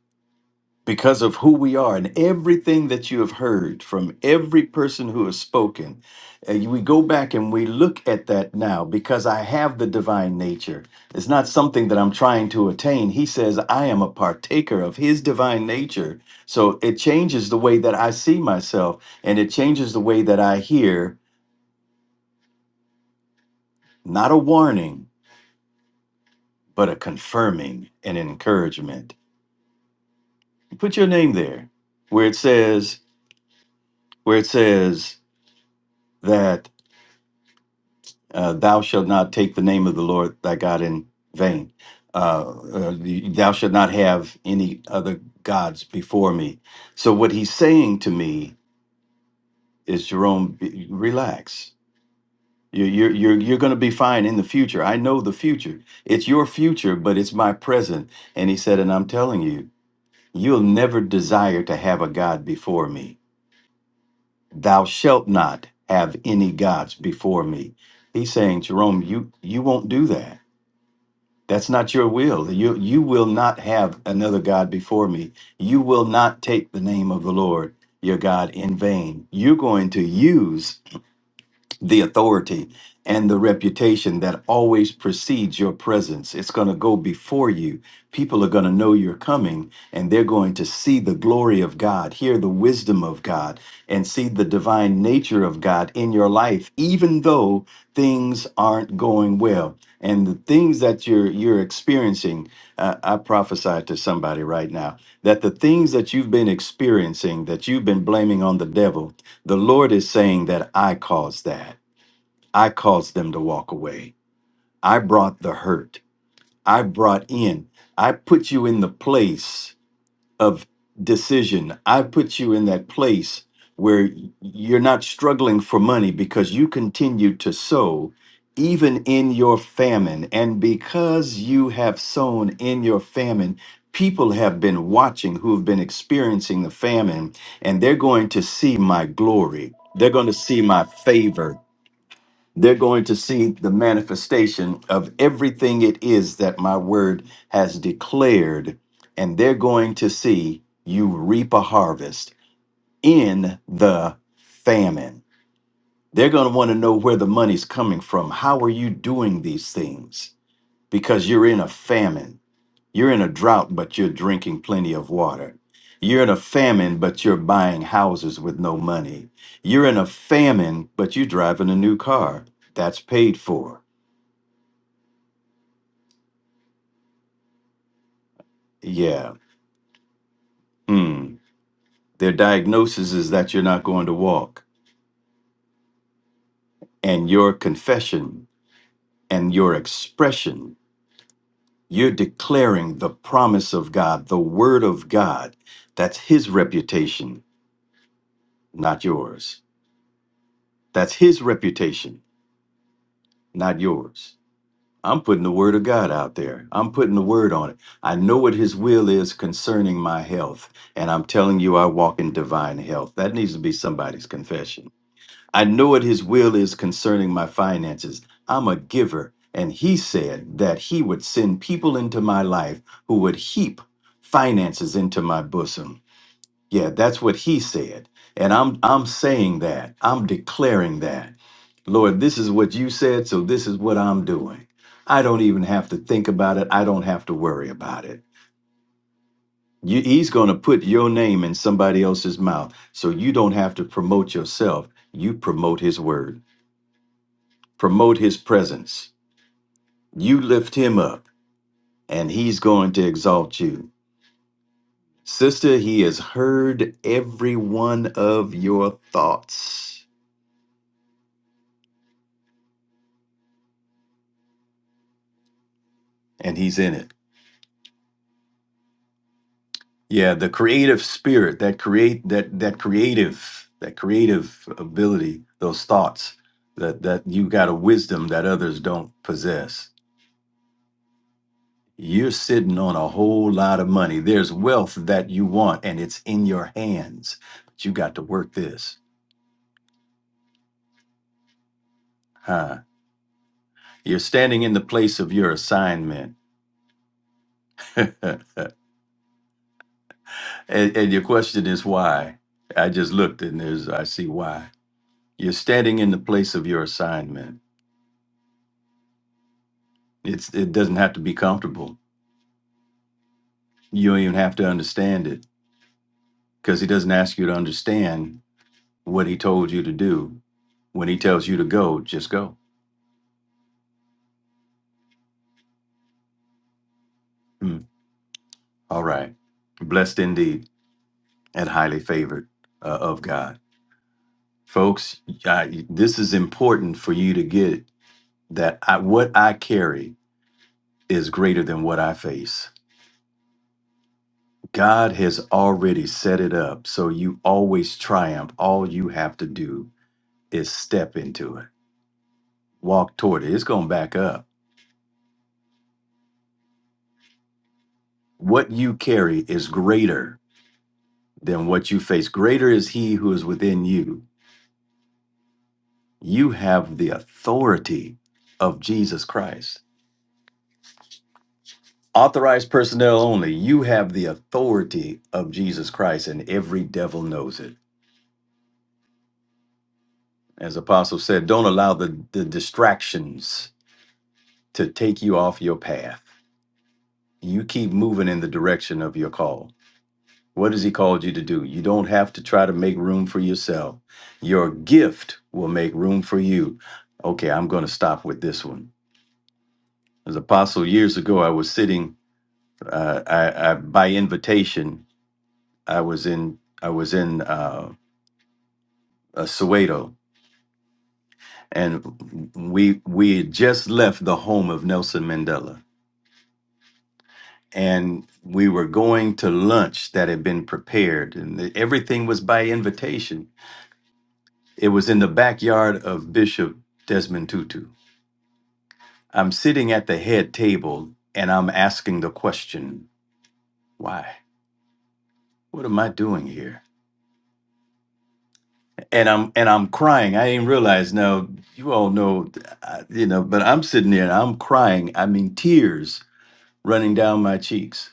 Speaker 3: because of who we are and everything that you have heard from every person who has spoken. And we go back and we look at that now because I have the divine nature. It's not something that I'm trying to attain. He says, I am a partaker of his divine nature. So it changes the way that I see myself and it changes the way that I hear not a warning, but a confirming and encouragement. Put your name there where it says, where it says, that. uh, thou shalt not take the name of the Lord thy God in vain. Uh, uh, thou shalt not have any other gods before me. So what he's saying to me is, Jerome, be- relax. You're you're you're, you're going to be fine in the future. I know the future. It's your future, but it's my present. And he said, and I'm telling you, you'll never desire to have a god before me. Thou shalt not have any gods before me. He's saying, Jerome, you you won't do that That's not your will. You you will not have another god before me. You will not take the name of the Lord your God in vain. You're going to use the authority and the reputation that always precedes your presence. It's going to go before you. People are going to know you're coming and they're going to see the glory of God, hear the wisdom of God, and see the divine nature of God in your life, even though things aren't going well. And the things that you're you're experiencing, uh, I prophesy to somebody right now that the things that you've been experiencing, that you've been blaming on the devil, the Lord is saying that I caused that. I caused them to walk away. I brought the hurt. I brought in. I put you in the place of decision. I put you in that place where you're not struggling for money because you continue to sow even in your famine. And because you have sown in your famine, people have been watching who have been experiencing the famine, and they're going to see my glory. They're going to see my favor they're going to see the manifestation of everything it is that my word has declared, and they're going to see you reap a harvest in the famine. They're going to want to know where the money's coming from. How are you doing these things? Because you're in a famine. You're in a drought, but you're drinking plenty of water. You're in a famine, but you're buying houses with no money. You're in a famine, but you're driving a new car. That's paid for Yeah. Mm. Their diagnosis is that you're not going to walk. And your confession and your expression, you're declaring the promise of God, the word of God. That's his reputation, not yours. That's his reputation, not yours. I'm putting the word of God out there. I'm putting the word on it. I know what his will is concerning my health. And I'm telling you, I walk in divine health. That needs to be somebody's confession. I know what his will is concerning my finances. I'm a giver. And he said that he would send people into my life who would heap finances into my bosom. Yeah, that's what he said. And I'm I'm saying that. I'm declaring that. Lord, this is what you said, so this is what I'm doing. I don't even have to think about it. I don't have to worry about it. You, he's going to put your name in somebody else's mouth, so you don't have to promote yourself. You promote his word. promote his presence. You lift him up, and he's going to exalt you. Sister, he has heard every one of your thoughts, and he's in it. Yeah, the creative spirit, that create that that creative, that creative ability, those thoughts that that you got a wisdom that others don't possess. You're sitting on a whole lot of money. There's wealth that you want and it's in your hands. But you got to work this. huh? You're standing in the place of your assignment. (laughs) and, and your question is why? I just looked and there's I see why. You're standing in the place of your assignment. It's it doesn't have to be comfortable. You don't even have to understand it because he doesn't ask you to understand what he told you to do. When he tells you to go, just go. Hmm. All right. Blessed indeed and highly favored uh, of God. Folks, I, this is important for you to get that I, what I carry is greater than what I face. God has already set it up so you always triumph. All you have to do is step into it, walk toward it. It's going to back up. What you carry is greater than what you face. Greater is He who is within you. You have the authority of Jesus Christ. Authorized personnel only, you have the authority of Jesus Christ, and every devil knows it. As Apostle said, don't allow the, the distractions to take you off your path. You keep moving in the direction of your call. What has He called you to do? You don't have to try to make room for yourself. Your gift will make room for you. Okay, I'm going to stop with this one. As apostle years ago, I was sitting. Uh, I, I by invitation, I was in. I was in uh, uh, Soweto, and we we had just left the home of Nelson Mandela and we were going to lunch that had been prepared, and the- everything was by invitation. It was in the backyard of Bishop Desmond Tutu. I'm sitting at the head table and I'm asking the question, why? What am I doing here? And I'm and I'm crying. I didn't realize. Now you all know, uh, you know. But I'm sitting there and I'm crying. I mean, tears running down my cheeks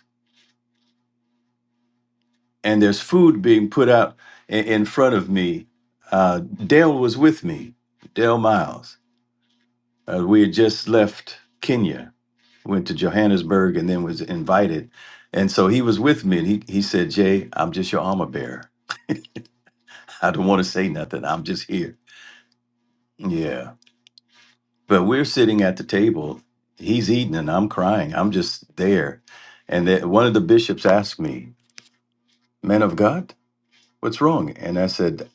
Speaker 3: and there's food being put out in, in front of me. Uh, Dale was with me, Dale Miles. Uh, we had just left Kenya, went to Johannesburg, and then was invited. And so he was with me, and he, he said, Jay, I'm just your armor bearer. (laughs) I don't want to say nothing. I'm just here. Yeah. But we're sitting at the table. He's eating, and I'm crying. I'm just there. And then one of the bishops asked me, Man of God, what's wrong? And I said,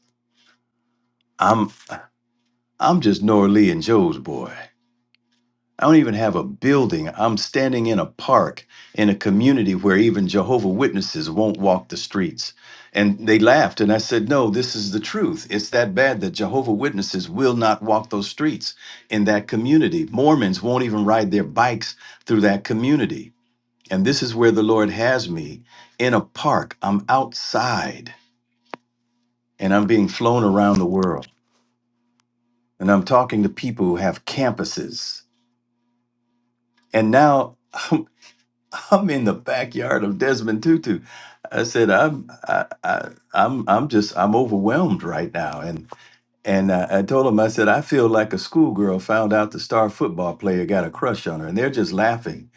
Speaker 3: I'm. I'm just Nora Lee and Joe's boy. I don't even have a building. I'm standing in a park in a community where even Jehovah Witnesses won't walk the streets. And they laughed and I said, "No, this is the truth. It's that bad that Jehovah Witnesses will not walk those streets in that community. Mormons won't even ride their bikes through that community." And this is where the Lord has me in a park. I'm outside and I'm being flown around the world. And I'm talking to people who have campuses And now I'm, (laughs) I'm in the backyard of Desmond Tutu. I said, I'm, I, I, I'm, I'm just, I'm overwhelmed right now. And, and uh, I told him, I said, I feel like a schoolgirl found out the star football player got a crush on her and they're just laughing.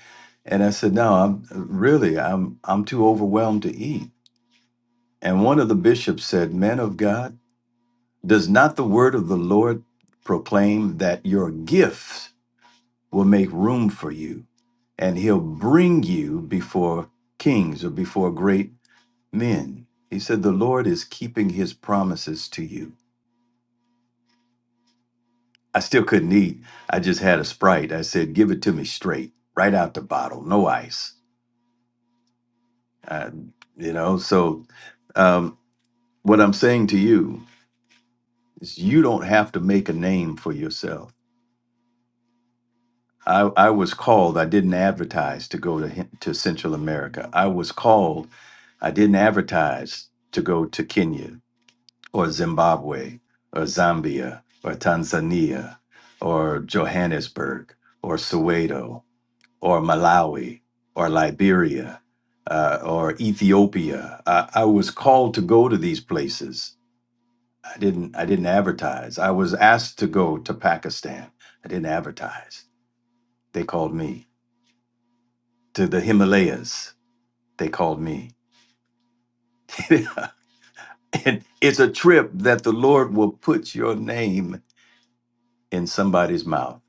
Speaker 3: And I said, no, I'm really, I'm, I'm too overwhelmed to eat. And one of the bishops said, men of God, does not the word of the Lord proclaim that your gifts will make room for you, and he'll bring you before kings or before great men. He said, The Lord is keeping his promises to you. I still couldn't eat. I just had a Sprite. I said, Give it to me straight, right out the bottle, no ice. Uh, you know, so um, what I'm saying to you is, you don't have to make a name for yourself I, I was called. I didn't advertise to go to Hin- to Central America. I was called. I didn't advertise to go to Kenya or Zimbabwe or Zambia or Tanzania or Johannesburg or Soweto or Malawi or Liberia uh, or Ethiopia. I, I was called to go to these places. I didn't. I didn't advertise. I was asked to go to Pakistan. I didn't advertise. They called me. to the Himalayas, they called me. (laughs) and it's a trip that the Lord will put your name in somebody's mouth.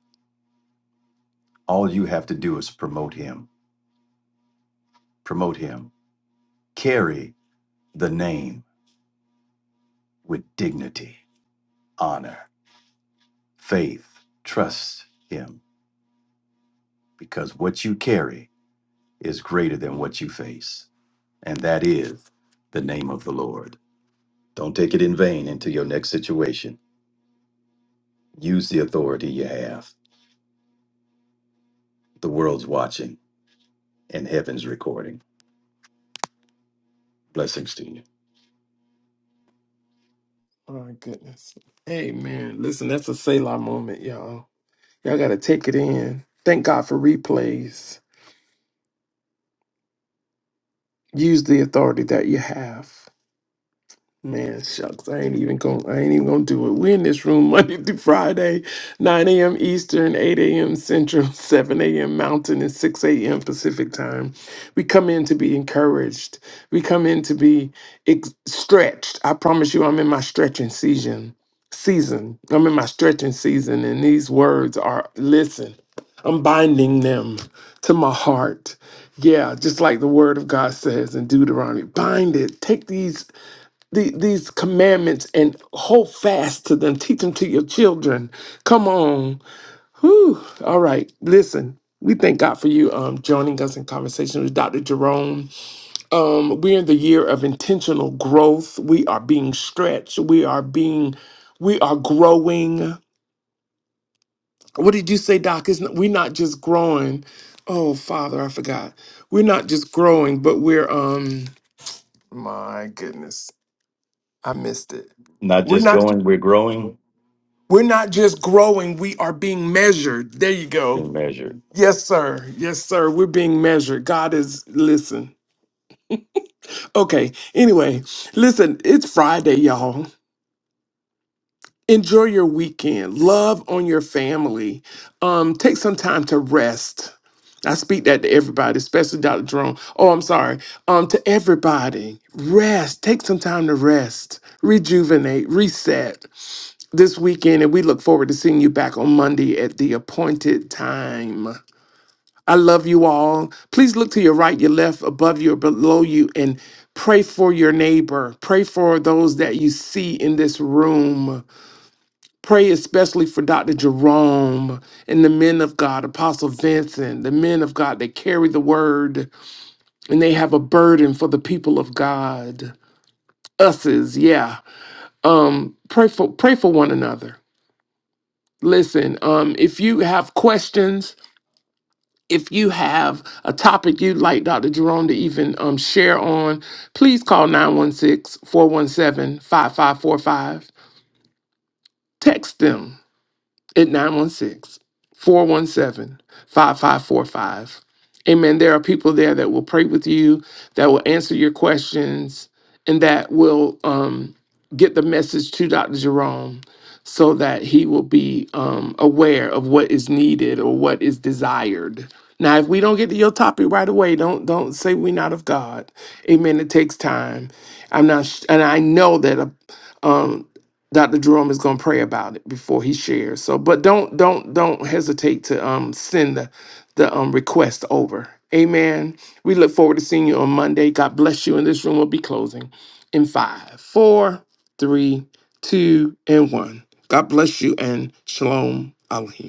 Speaker 3: All you have to do is promote him, promote him, carry the name with dignity, honor, faith, trust him, because what you carry is greater than what you face. And that is the name of the Lord. Don't take it in vain into your next situation. Use the authority you have. The world's watching in heaven's recording. Blessings to you.
Speaker 1: My goodness. Hey, man. Listen, that's a Selah moment, y'all. Y'all got to take it in. Thank God for replays. Use the authority that you have. Man, shucks, I ain't even gonna I ain't even gonna do it. We in this room (laughs) Monday through Friday, 9 a.m. Eastern, 8 a.m. Central, (laughs) 7 a.m. Mountain, and 6 a.m. Pacific time. We come in to be encouraged. We come in to be ex- stretched. I promise you, I'm in my stretching season. Season. I'm in my stretching season, and these words are listen. I'm binding them to my heart. Yeah, just like the word of God says in Deuteronomy, bind it. Take these the, these commandments and hold fast to them. Teach them to your children. Come on. Whew. All right. Listen. We thank God for you um, joining us in conversation with Dr. Jerome. Um, we're in the year of intentional growth. We are being stretched. We are being, we are growing. What did you say, Doc? It's not, we're not just growing. Oh, Father, I forgot. We're not just growing, but we're um. My goodness, I missed it.
Speaker 3: Not
Speaker 1: We're
Speaker 3: just
Speaker 1: not.
Speaker 3: going, we're growing,
Speaker 1: We're not just growing, we are being measured. There you go.
Speaker 3: being measured.
Speaker 1: Yes, sir. Yes, sir. We're being measured. God is, listen. Okay. Anyway, listen, it's Friday, y'all. Enjoy your weekend. Love on your family. Um, take some time to rest. I speak that to everybody, especially Dr. Jerome. Oh, I'm sorry. Um, to everybody, rest. Take some time to rest, rejuvenate, reset. this weekend, and we look forward to seeing you back on Monday at the appointed time. I love you all. Please look to your right, your left, above you, or below you, and pray for your neighbor. Pray for those that you see in this room. Pray especially for Dr. Jerome and the men of God, Apostle Vincent, the men of God that carry the word and they have a burden for the people of God. Uses, yeah. Um, pray for pray for one another. Listen, um, if you have questions, if you have a topic you'd like Dr. Jerome to even um, share on, please call 916 417 5545. Text them at 916 417 5545, Amen. There are people there that will pray with you, that will answer your questions, and that will um, get the message to Dr. Jerome so that he will be um, aware of what is needed or what is desired. Now, if we don't get to your topic right away, don't don't say we're not of God. Amen. It takes time. I'm not, sh- and I know that a, Dr. Jerome is going to pray about it before he shares. So, but don't don't don't hesitate to um send the the um request over. Amen. We look forward to seeing you on Monday. God bless you. And this room will be closing in five, four, three, two, and one. God bless you and shalom aleichem.